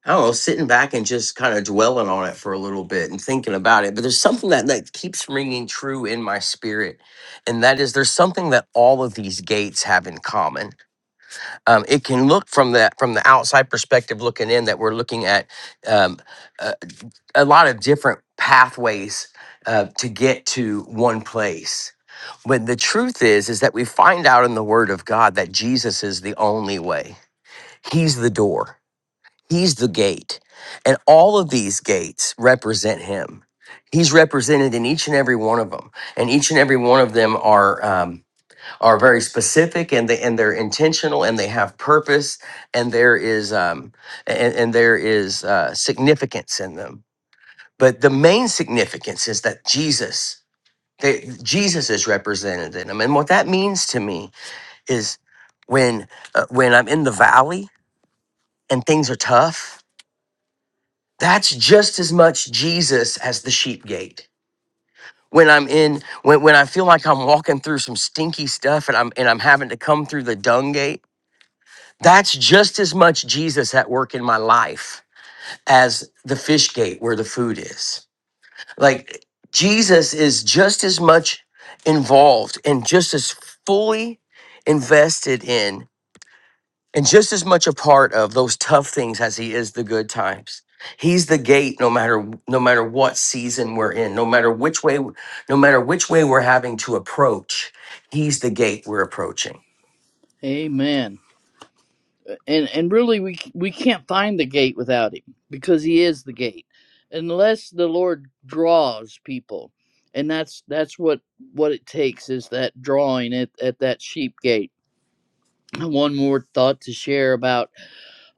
Speaker 7: I don't know, sitting back and just kind of dwelling on it for a little bit and thinking about it. But there's something that, that keeps ringing true in my spirit. And that is there's something that all of these gates have in common. Um, it can look from the, from the outside perspective looking in that we're looking at, um, uh, a lot of different pathways uh, to get to one place. When the truth is, is that we find out in the Word of God that Jesus is the only way. He's the door. He's the gate, and all of these gates represent Him. He's represented in each and every one of them, and each and every one of them are um, are very specific, and they and they're intentional, and they have purpose, and there is um, and, and there is uh, significance in them but the main significance is that Jesus, that Jesus is represented in them. And what that means to me is when uh, when I'm in the valley and things are tough, that's just as much Jesus as the sheep gate. When I'm in when when I feel like I'm walking through some stinky stuff and I'm and I'm having to come through the dung gate, that's just as much Jesus at work in my life as the fish gate where the food is Like Jesus is just as much involved and just as fully invested in and just as much a part of those tough things as he is the good times. He's the gate no matter no matter what season we're in, no matter which way no matter which way we're having to approach, he's the gate we're approaching.
Speaker 1: Amen. And and really, we we can't find the gate without him because he is the gate, unless the Lord draws people, and that's that's what what it takes is that drawing at at that sheep gate. One more thought to share about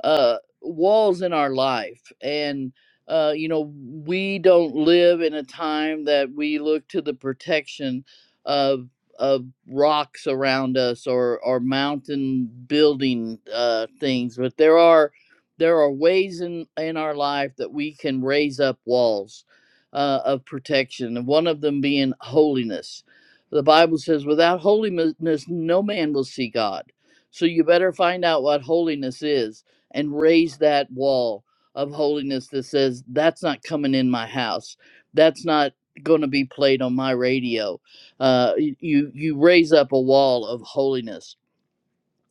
Speaker 1: uh, walls in our life. And, uh, you know, we don't live in a time that we look to the protection of of rocks around us or or mountain building uh, things, but there are there are ways in in our life that we can raise up walls uh, of protection, and one of them being holiness. The Bible says, "Without holiness, no man will see God." So you better find out what holiness is and raise that wall of holiness that says, that's not coming in my house. That's not going to be played on my radio. Uh, y- you, you raise up a wall of holiness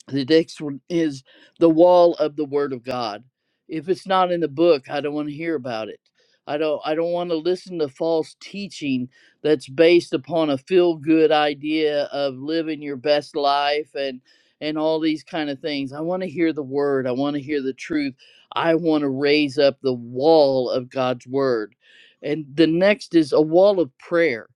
Speaker 1: the next one is the wall of the Word of God. If it's not in the book, I don't want to hear about it. I don't. I don't want to listen to false teaching that's based upon a feel-good idea of living your best life and and all these kind of things. I want to hear the Word. I want to hear the truth. I want to raise up the wall of God's Word. And the next is a wall of prayer.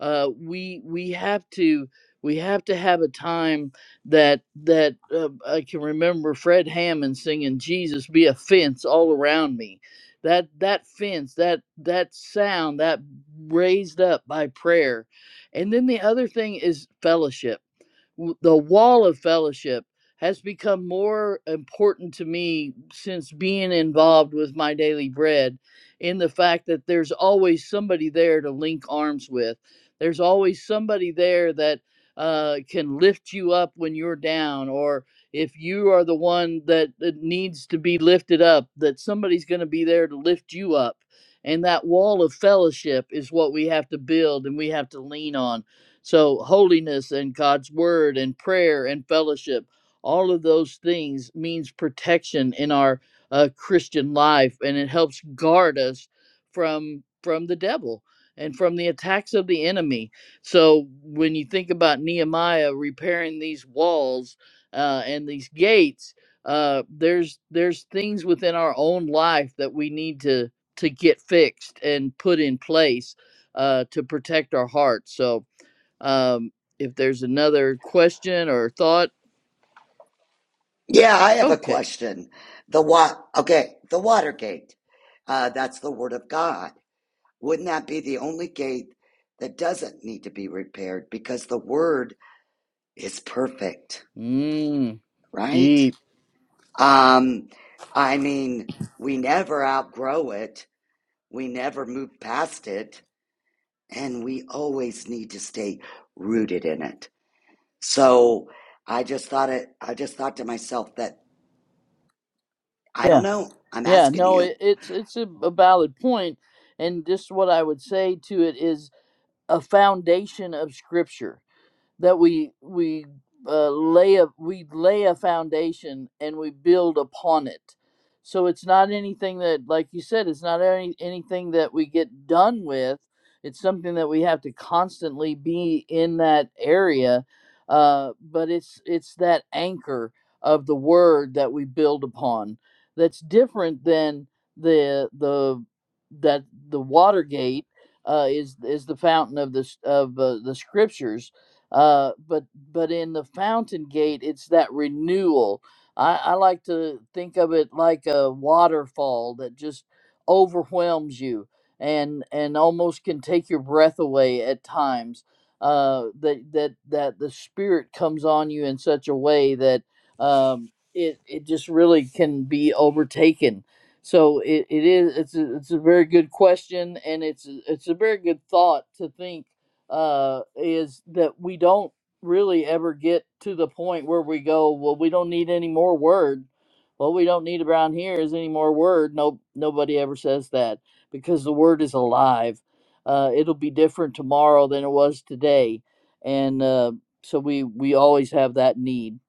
Speaker 1: Uh, we we have to we have to have a time that that uh, I can remember Fred Hammond singing "Jesus be a fence all around me." That that fence, that that sound, that raised up by prayer, and then the other thing is fellowship w- the wall of fellowship has become more important to me since being involved with my daily bread in the fact that there's always somebody there to link arms with there's always somebody there that uh, can lift you up when you're down or if you are the one that, that needs to be lifted up that somebody's going to be there to lift you up and that wall of fellowship is what we have to build and we have to lean on so, holiness and God's word and prayer and fellowship, all of those things means protection in our uh, Christian life, and it helps guard us from from the devil and from the attacks of the enemy. So, when you think about Nehemiah repairing these walls uh, and these gates, uh, there's there's things within our own life that we need to to get fixed and put in place uh, to protect our hearts. So um, if there's another question or thought,
Speaker 2: Yeah, I have a
Speaker 1: okay.
Speaker 2: question. The what? Okay, the Watergate. Uh, that's the Word of God. Wouldn't that be the only gate that doesn't need to be repaired because the Word is perfect,
Speaker 1: Mm,
Speaker 2: right?
Speaker 1: deep.
Speaker 2: Um, I mean, we never outgrow it. We never move past it, and we always need to stay rooted in it. So I just thought it. I just thought to myself that I don't
Speaker 1: Yeah.
Speaker 2: know. I'm
Speaker 1: Yeah.
Speaker 2: asking
Speaker 1: No,
Speaker 2: you.
Speaker 1: it, it's it's a, a valid point, and just what I would say to it is a foundation of Scripture that we we uh, lay a we lay a foundation and we build upon it. So it's not anything that, like you said, it's not any anything that we get done with. It's something that we have to constantly be in that area, uh, but it's it's that anchor of the word that we build upon that's different than the the that the Watergate uh, is is the fountain of the s- of uh, the scriptures uh, but but in the fountain gate it's that renewal I, I like to think of it like a waterfall that just overwhelms you and and almost can take your breath away at times uh, that that that the spirit comes on you in such a way that um, it it just really can be overtaken so it, it is it's a, it's a very good question and it's a- it's a very good thought to think uh, is that we don't really ever get to the point where we go, well, we don't need any more word. What we don't need around here is any more word. No, nobody ever says that because the word is alive. Uh, it'll be different tomorrow than it was today, and uh, so we we always have that need.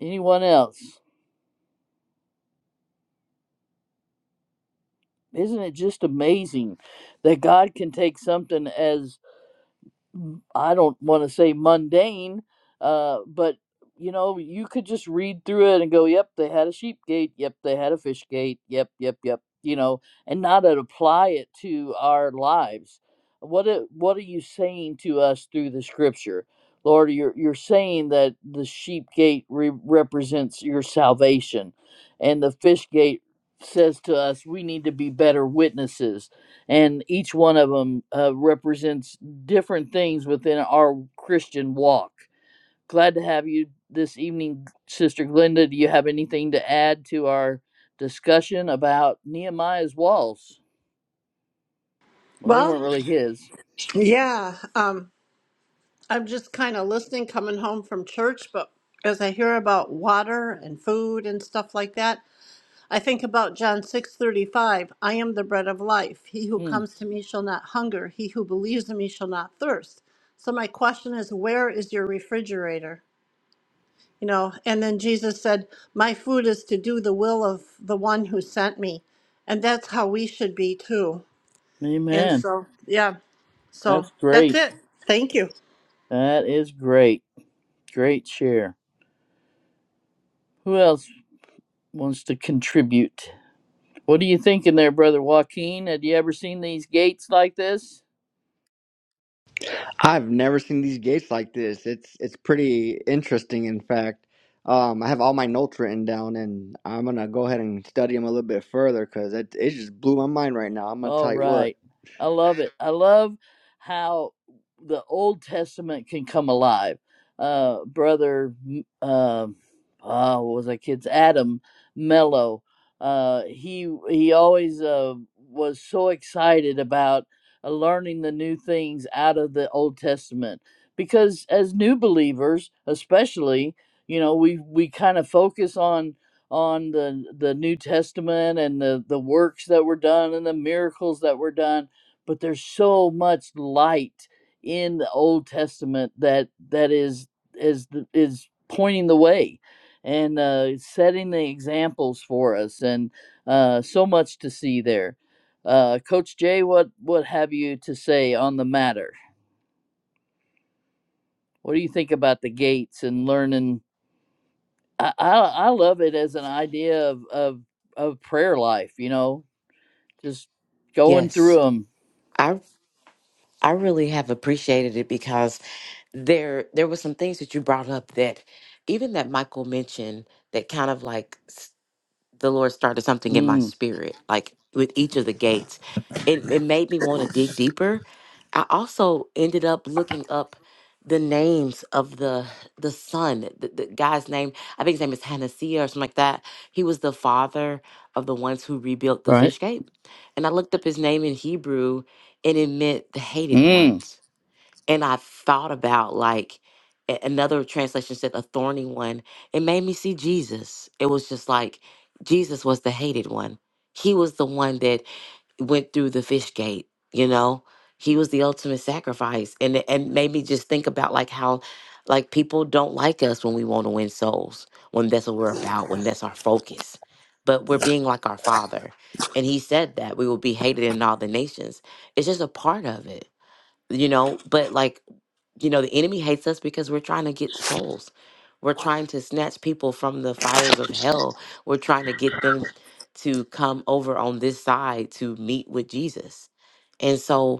Speaker 1: Anyone else? Isn't it just amazing that God can take something as m- I don't want to say mundane, uh, but you know, you could just read through it and go, "Yep, they had a sheep gate. Yep, they had a fish gate. Yep, yep, yep." You know, and not to apply it to our lives. What a- what are you saying to us through the Scripture, Lord? You're you're saying that the sheep gate re- represents your salvation, and the fish gate says to us we need to be better witnesses and each one of them uh, represents different things within our Christian walk. Glad to have you this evening, Sister Glenda. Do you have anything to add to our discussion about Nehemiah's walls? Well, they
Speaker 8: Well,
Speaker 1: weren't really his.
Speaker 8: yeah, um, I'm just kind of listening coming home from church, but as I hear about water and food and stuff like that, I think about John 6:35, I am the bread of life. He who
Speaker 1: Hmm.
Speaker 8: comes to me shall not hunger, he who believes in me shall not thirst. So my question is, where is your refrigerator? You know, and then Jesus said, "My food is to do the will of the one who sent me." And that's how we should be too. And
Speaker 1: Amen.
Speaker 8: so, yeah. So,
Speaker 1: That's
Speaker 8: that's
Speaker 1: great.
Speaker 8: it. Thank you.
Speaker 1: That is great. Great share. Who else wants to contribute? What are you thinking there, Brother Joaquin? Had you ever seen these gates like this?
Speaker 5: I've never seen these gates like this. It's it's pretty interesting, in fact. Um, I have all my notes written down, and I'm gonna go ahead and study them a little bit further because it it just blew my mind right now. I'm gonna
Speaker 1: All
Speaker 5: tell you what.
Speaker 1: right. I love it. I love how the Old Testament can come alive. Uh, brother, uh, oh, what was that kid's Adam Mello? Uh, he he always uh, was so excited about uh, learning the new things out of the Old Testament because as new believers, especially, you know, we we kind of focus on on the the New Testament and the the works that were done and the miracles that were done, but there's so much light in the Old Testament that that is is the- is pointing the way and uh, setting the examples for us, and uh, so much to see there. Uh, Coach Jay, what what have you to say on the matter? What do you think about the gates and learning? I I, I love it as an idea of of of prayer life. You know, Just going
Speaker 6: Yes.
Speaker 1: through them.
Speaker 6: I I really have appreciated it because there there were some things that you brought up that even that Michael mentioned that kind of like the Lord started something in my
Speaker 1: Mm,
Speaker 6: spirit, like with each of the gates. It, it made me want to dig deeper. I also ended up looking up the names of the the son, the, the guy's name. I think his name is Hanasia or something like that. He was the father of the ones who rebuilt the
Speaker 1: right?
Speaker 6: fish gate. And I looked up his name in Hebrew, and it meant the hated
Speaker 1: Mm,
Speaker 6: ones and I thought about like a- another translation said a thorny one. It made me see Jesus. It was just like Jesus was the hated one. He was the one that went through the fish gate, you know? He was the ultimate sacrifice. And it- and made me just think about like how like people don't like us when we want to win souls, when that's what we're about, when that's our focus. But we're being like our father. And he said that we will be hated in all the nations. It's just a part of it you know but like you know, the enemy hates us because we're trying to get souls. We're trying to snatch people from the fires of hell. We're trying to get them to come over on this side to meet with Jesus. And so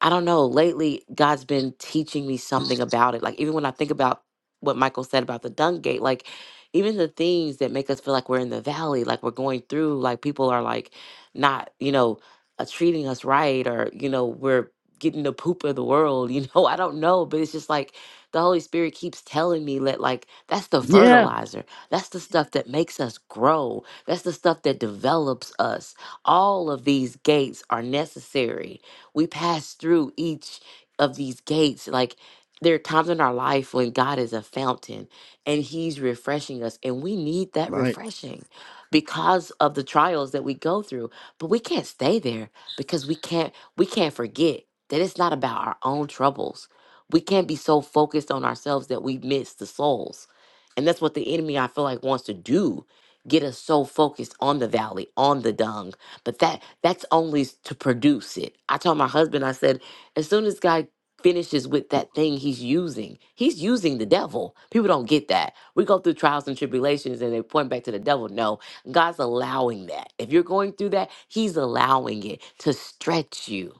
Speaker 6: I don't know. Lately, God's been teaching me something about it. Like, even when I think about what Michael said about the dung gate, like, even the things that make us feel like we're in the valley, like we're going through, like people are like not, you know, uh, treating us right or, you know, we're getting the poop of the world, you know, I don't know. But it's just like the Holy Spirit keeps telling me that, like, that's the
Speaker 1: yeah.
Speaker 6: fertilizer. That's the stuff that makes us grow. That's the stuff that develops us. All of these gates are necessary we pass through each of these gates. Like there are times in our life when God is a fountain and He's refreshing us, and we need that
Speaker 1: Right.
Speaker 6: refreshing because of the trials that we go through. But we can't stay there because we can't we can't forget that it's not about our own troubles. We can't be so focused on ourselves that we miss the souls. And that's what the enemy I feel like wants to do. Get us so focused on the valley, on the dung, but that that's only to produce it. I told my husband, I said, as soon as God finishes with that thing he's using, he's using the devil. People don't get that. We go through trials and tribulations and they point back to the devil. No, God's allowing that. If you're going through that, he's allowing it to stretch you.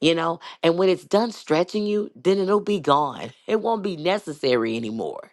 Speaker 6: You know, and when it's done stretching you, then it'll be gone. It won't be necessary anymore.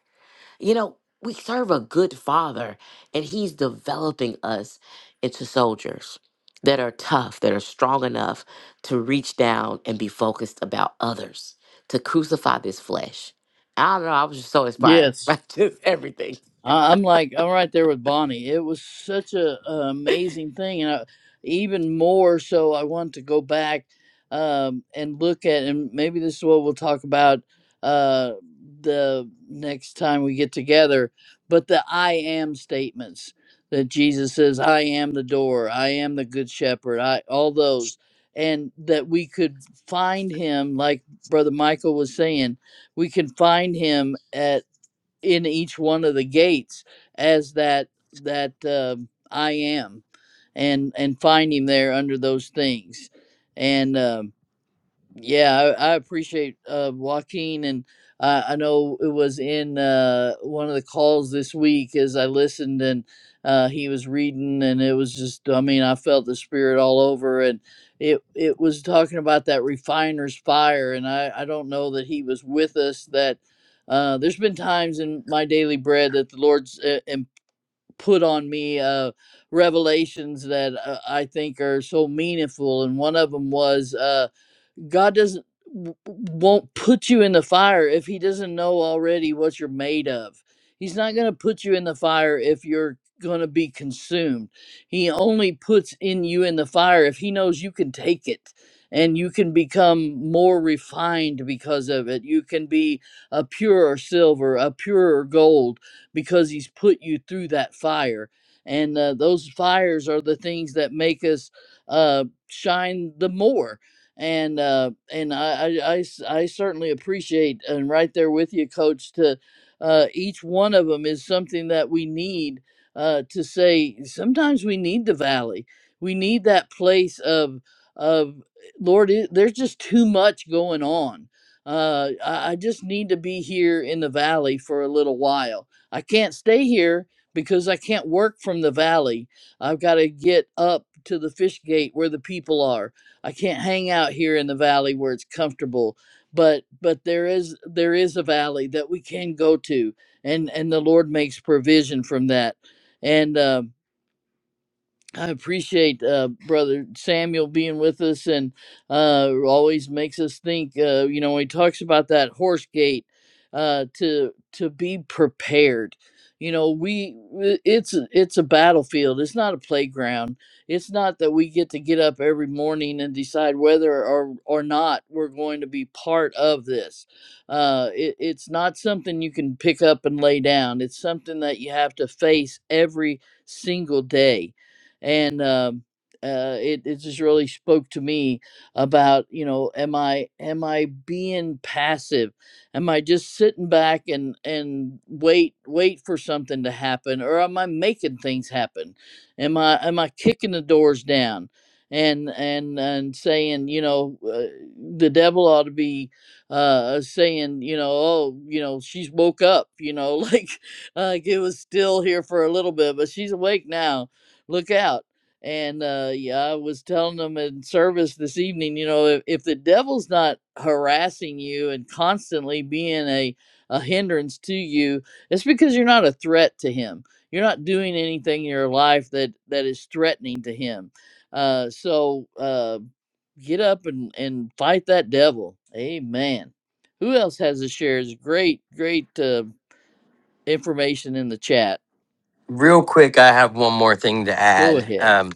Speaker 6: You know, we serve a good father, and he's developing us into soldiers that are tough, that are strong enough to reach down and be focused about others, to crucify this flesh. I don't know. I was just so inspired
Speaker 1: Yes.
Speaker 6: by just everything
Speaker 1: I- I'm like, I'm right there with Bonnie. It was such a, a amazing thing, and I, even more so, I want to go back um, and look at, and maybe this is what we'll talk about uh, the next time we get together. But the I am statements that Jesus says, "I am the door," "I am the good shepherd," I all those, and that we could find Him, like Brother Michael was saying, we can find Him at in each one of the gates as that that um I am, and and find him there under those things, and um, yeah, I, I appreciate uh, Joaquin, and uh, I know it was in uh, one of the calls this week as I listened, and uh, he was reading, and it was just, I mean, I felt the spirit all over, and it it was talking about that refiner's fire, and I I don't know that he was with us that. Uh, there's been times in my daily bread that the Lord's uh, and put on me uh, revelations that uh, I think are so meaningful, and one of them was. Uh, God doesn't w- won't put you in the fire if he doesn't know already what you're made of. He's not going to put you in the fire if you're going to be consumed. He only puts in you in the fire if he knows you can take it and you can become more refined because of it. You can be a purer silver, a purer gold because he's put you through that fire. And uh, those fires are the things that make us uh, shine the more and uh, and I I, I, I certainly appreciate and right there with you, Coach. To uh, each one of them is something that we need uh, to say. Sometimes we need the valley. We need that place of of Lord. It, there's just too much going on. Uh, I, I just need to be here in the valley for a little while. I can't stay here because I can't work from the valley. I've got to get up to the fish gate where the people are. I can't hang out here in the valley where it's comfortable. But but there is there is a valley that we can go to, and and the Lord makes provision from that. And um I appreciate uh, brother Samuel being with us and uh, always makes us think. Uh, you know, when he talks about that horse gate uh, to to be prepared. You know, we w- it's a- it's a battlefield. It's not a playground. It's not that we get to get up every morning and decide whether or or not we're going to be part of this. Uh, it, it's not something you can pick up and lay down. It's something that you have to face every single day and um, uh, it it just really spoke to me about you know am I am I being passive? Am I just sitting back and and wait wait for something to happen, or am I making things happen? Am I am I kicking the doors down? And, and and saying you know uh, the devil ought to be uh saying you know oh you know she's woke up you know like like it was still here for a little bit but she's awake now look out. And uh, yeah, I was telling them in service this evening, you know, if, if the devil's not harassing you and constantly being a, a hindrance to you, it's because you're not a threat to him. You're not doing anything in your life that that is threatening to him. Uh, so uh, get up and, and fight that devil. Amen. Who else has a share? shares? Great, great uh, information in the chat.
Speaker 7: Real quick, I have one more thing to
Speaker 1: Go
Speaker 7: add.
Speaker 1: ahead.
Speaker 7: Um,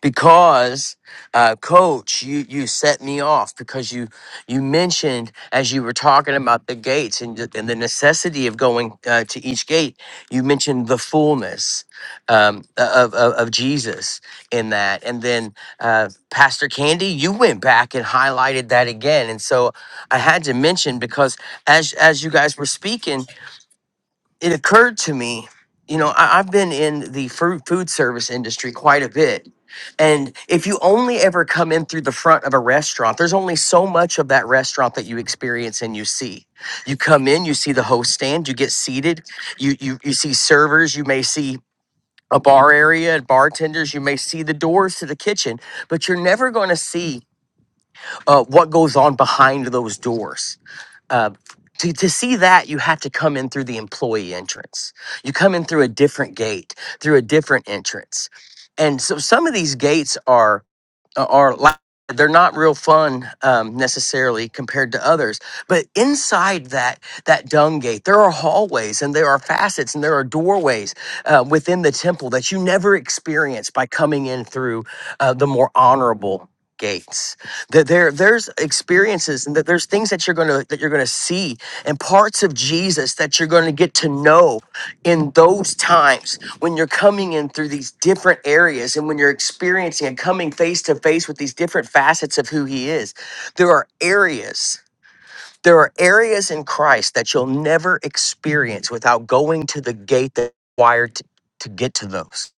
Speaker 7: because uh, coach you you set me off because you you mentioned as you were talking about the gates and, the- and the necessity of going uh, to each gate you mentioned the fullness um, of, of of jesus in that and then uh, pastor candy you went back and highlighted that again and so i had to mention because as as you guys were speaking it occurred to me, you know, I, I've been in the food food service industry quite a bit. And if you only ever come in through the front of a restaurant, there's only so much of that restaurant that you experience and you see. You come in, you see the host stand, you get seated, you you you see servers, you may see a bar area and bartenders, you may see the doors to the kitchen, but you're never going to see uh, what goes on behind those doors uh, to, to see that you have to come in through the employee entrance you come in through a different gate through a different entrance and so some of these gates are are like they're not real fun um, necessarily compared to others but inside that that dung gate there are hallways and there are facets and there are doorways uh, within the temple that you never experience by coming in through uh, the more honorable gates that there there's experiences and that there's things that you're gonna that you're gonna see and parts of jesus that you're gonna get to know in those times when you're coming in through these different areas and when you're experiencing and coming face to face with these different facets of who he is there are areas there are areas in christ that you'll never experience without going to the gate that's required to, to get to those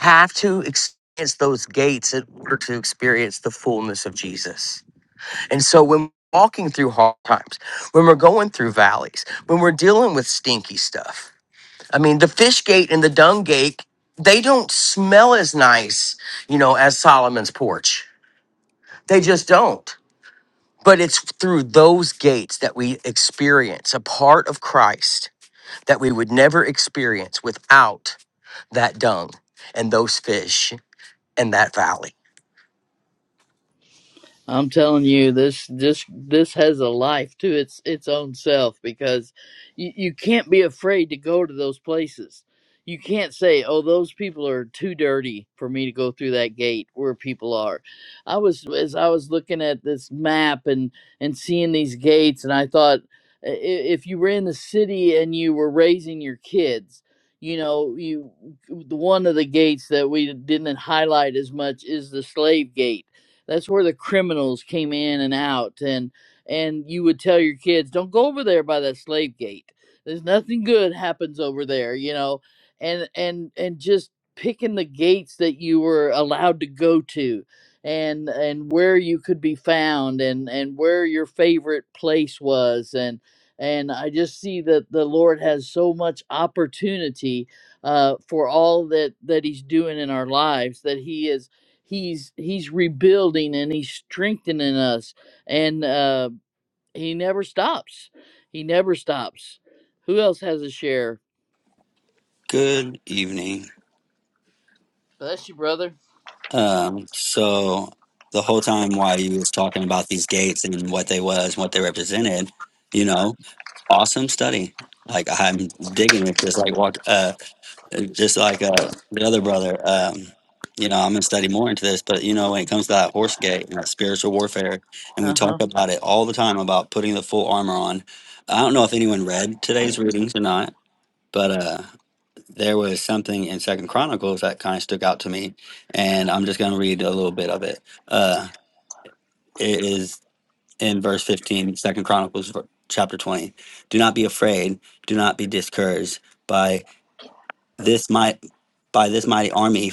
Speaker 7: have to experience those gates in order to experience the fullness of jesus and so when we're walking through hard times when we're going through valleys when we're dealing with stinky stuff I mean, the fish gate and the dung gate, they don't smell as nice, you know, as Solomon's porch. They just don't. But it's through those gates that we experience a part of Christ that we would never experience without that dung and those fish and that valley.
Speaker 1: I'm telling you, this this this has a life to its its own self because you, you can't be afraid to go to those places. You can't say, "Oh, those people are too dirty for me to go through that gate where people are." I was as I was looking at this map and and seeing these gates, and I thought, i- i- if you were in the city and you were raising your kids, you know, you the one of the gates that we didn't highlight as much is the slave gate that's where the criminals came in and out, and and you would tell your kids, don't go over there by that slave gate. There's nothing good happens over there, you know, and and and just picking the gates that you were allowed to go to and and where you could be found and and where your favorite place was and and I just see that the Lord has so much opportunity uh, for all that that He's doing in our lives that He is he's he's rebuilding and he's strengthening us and uh he never stops he never stops who else has a share
Speaker 9: Good evening.
Speaker 1: bless you brother
Speaker 9: Um, so the whole time while you was talking about these gates and what they was, what they represented, you know, awesome study. Like I'm digging it. Just like walk, uh, just like uh, the other brother. Um, you know, I'm gonna study more into this. But you know, when it comes to that horse gate and that spiritual warfare, and we
Speaker 1: uh-huh
Speaker 9: talk about it all the time about putting the full armor on. I don't know if anyone read today's readings or not, but uh, there was something in second chronicles that kind of stuck out to me and i'm just going to read a little bit of it uh it is in verse 15 second chronicles ver- chapter 20 do not be afraid do not be discouraged by this might by this mighty army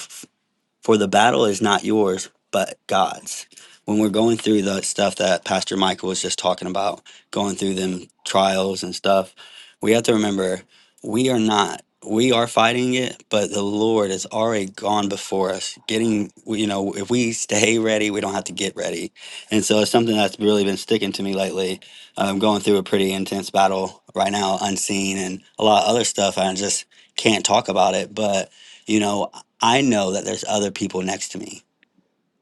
Speaker 9: for the battle is not yours, but God's. When we're going through the stuff that Pastor Michael was just talking about, going through them trials and stuff, we have to remember we are not. We are fighting it, but the Lord has already gone before us. Getting, you know, if we stay ready, we don't have to get ready. And so it's something that's really been sticking to me lately. I'm going through a pretty intense battle right now, unseen, and a lot of other stuff. And I just can't talk about it. But, you know, I know that there's other people next to me.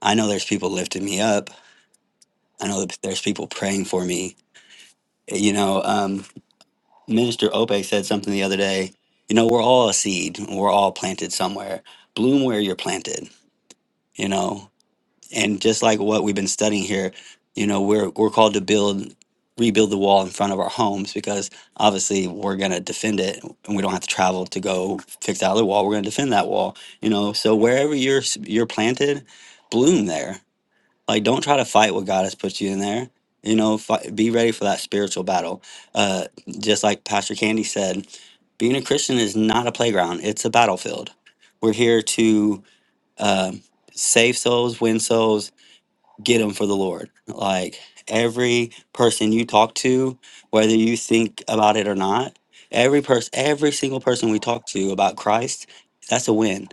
Speaker 9: I know there's people lifting me up. I know that there's people praying for me. Eh, You know, um, Minister Ope said something the other day. You know, we're all a seed. We're all planted somewhere. Bloom where you're planted. You know, and just like what we've been studying here, you know, we're we're called to build, rebuild the wall in front of our homes because obviously we're gonna defend it, and we don't have to travel to go fix the other wall. We're gonna defend that wall. You know, so wherever you're s- you're planted, bloom there like don't try to fight what god has put you in there you know fight, be ready for that spiritual battle uh just like pastor candy said being a christian is not a playground it's a battlefield we're here to uh, save souls win souls get them for the lord like every person you talk to whether you think about it or not every person every single person we talk to about christ that's a win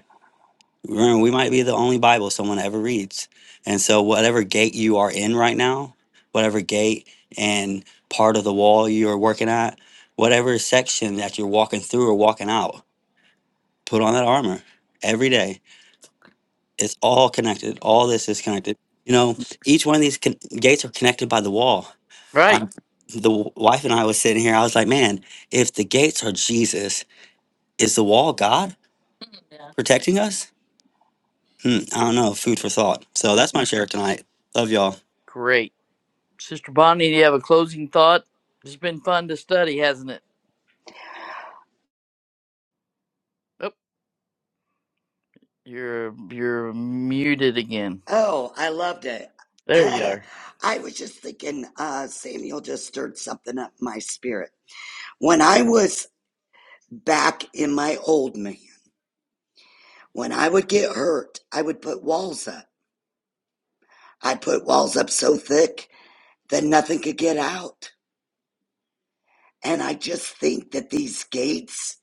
Speaker 9: Remember, we might be the only Bible someone ever reads. And so, whatever gate you are in right now, whatever gate and part of the wall you are working at, whatever section that you're walking through or walking out, put on that armor every day. It's all connected. All this is connected. You know, each one of these con- gates are connected by the wall.
Speaker 1: right
Speaker 9: I, the w- wife and I was sitting here. I was like, man, if the gates are Jesus, is the wall God protecting us? Hmm, I don't know. Food for thought. So that's my
Speaker 1: Mm,
Speaker 9: share tonight. Love y'all.
Speaker 1: great sister bonnie do you have a closing thought it's been fun to study hasn't it oh you're you're muted again
Speaker 2: Oh, I loved it.
Speaker 1: there you are
Speaker 2: I was just thinking, uh, Samuel just stirred something up in my spirit. When I was back in my old man, when I would get hurt, I would put walls up. I put walls up so thick that nothing could get out. And I just think that these gates,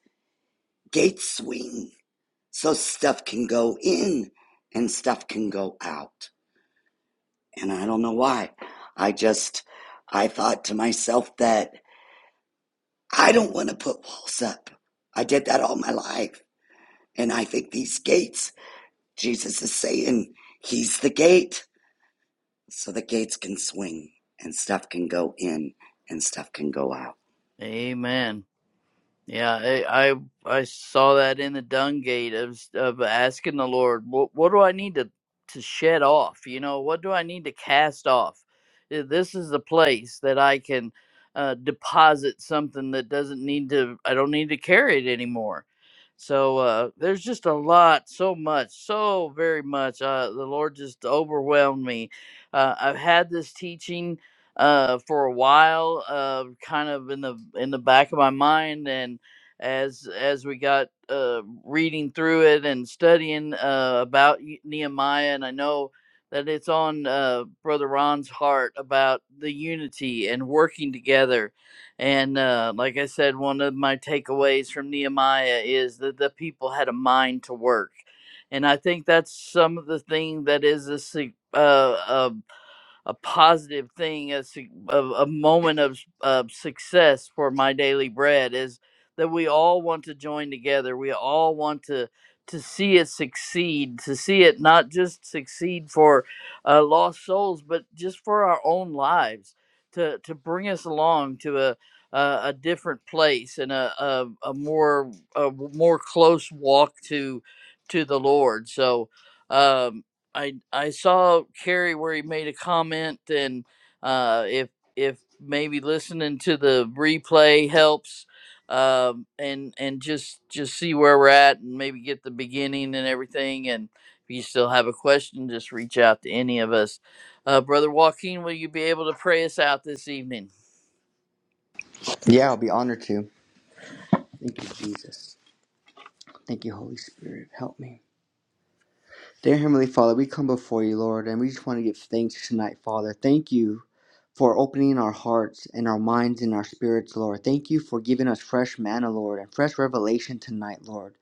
Speaker 2: gates swing. So stuff can go in and stuff can go out. And I don't know why. I just, I thought to myself that I don't want to put walls up. I did that all my life. And I think these gates, Jesus is saying, He's the gate. So the gates can swing and stuff can go in and stuff can go out.
Speaker 1: amen Yeah, I, I I saw that in the dung gate of of asking the Lord, what what do I need to to shed off? You know, what do I need to cast off? Uh, This is the place that I can uh, deposit something that doesn't need to. I don't need to carry it anymore. So uh, there's just a lot, so much, so very much. Uh, the Lord just overwhelmed me. Uh, I've had this teaching uh, for a while, uh, kind of in the in the back of my mind, and as as we got uh, reading through it and studying uh, about Nehemiah, and I know that it's on uh, Brother Ron's heart about the unity and working together. And uh, like I said, one of my takeaways from Nehemiah is that the people had a mind to work, and I think that's some of the thing that is a sig- uh, a a positive thing, a, su- a, a moment of, of success for my daily bread is that we all want to join together. We all want to to see it succeed, to see it not just succeed for uh, lost souls, but just for our own lives, to to bring us along to a a, a different place and a, a, a more a more close walk to to the Lord. So um, I I saw Kerry where he made a comment, and uh, if if maybe listening to the replay helps, um, and and just just see where we're at, and maybe get the beginning and everything. And if you still have a question, just reach out to any of us. Uh, Brother Joaquin, will you be able to pray us out this evening?
Speaker 5: Yeah, I'll be honored to. Thank you, Jesus. Thank you, Holy Spirit. Help me. Dear Heavenly Father, we come before you, Lord, and we just want to give thanks tonight, Father. Thank you for opening our hearts and our minds and our spirits, Lord. Thank you for giving us fresh manna, Lord, and fresh revelation tonight, Lord.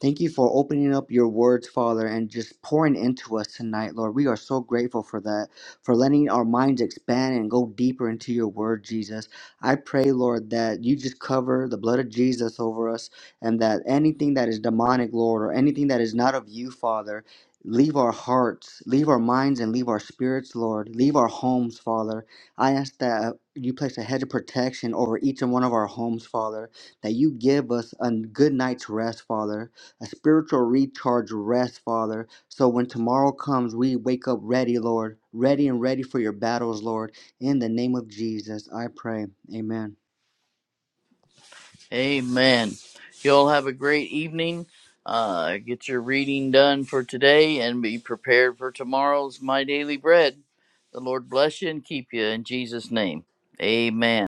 Speaker 5: Thank you for opening up your words, Father, and just pouring into us tonight, Lord. We are so grateful for that, for letting our minds expand and go deeper into your word, Jesus. I pray, Lord, that you just cover the blood of Jesus over us and that anything that is demonic, Lord, or anything that is not of you, Father, Leave our hearts, leave our minds, and leave our spirits, Lord. Leave our homes, Father. I ask that uh, you place a hedge of protection over each and one of our homes, Father. That you give us a good night's rest, Father. A spiritual recharge rest, Father. So when tomorrow comes, we wake up ready, Lord. Ready and ready for your battles, Lord. In the name of Jesus, I pray. Amen.
Speaker 1: Amen. You all have a great evening. Uh, get your reading done for today and be prepared for tomorrow's My Daily Bread. The Lord bless you and keep you in Jesus' name. Amen.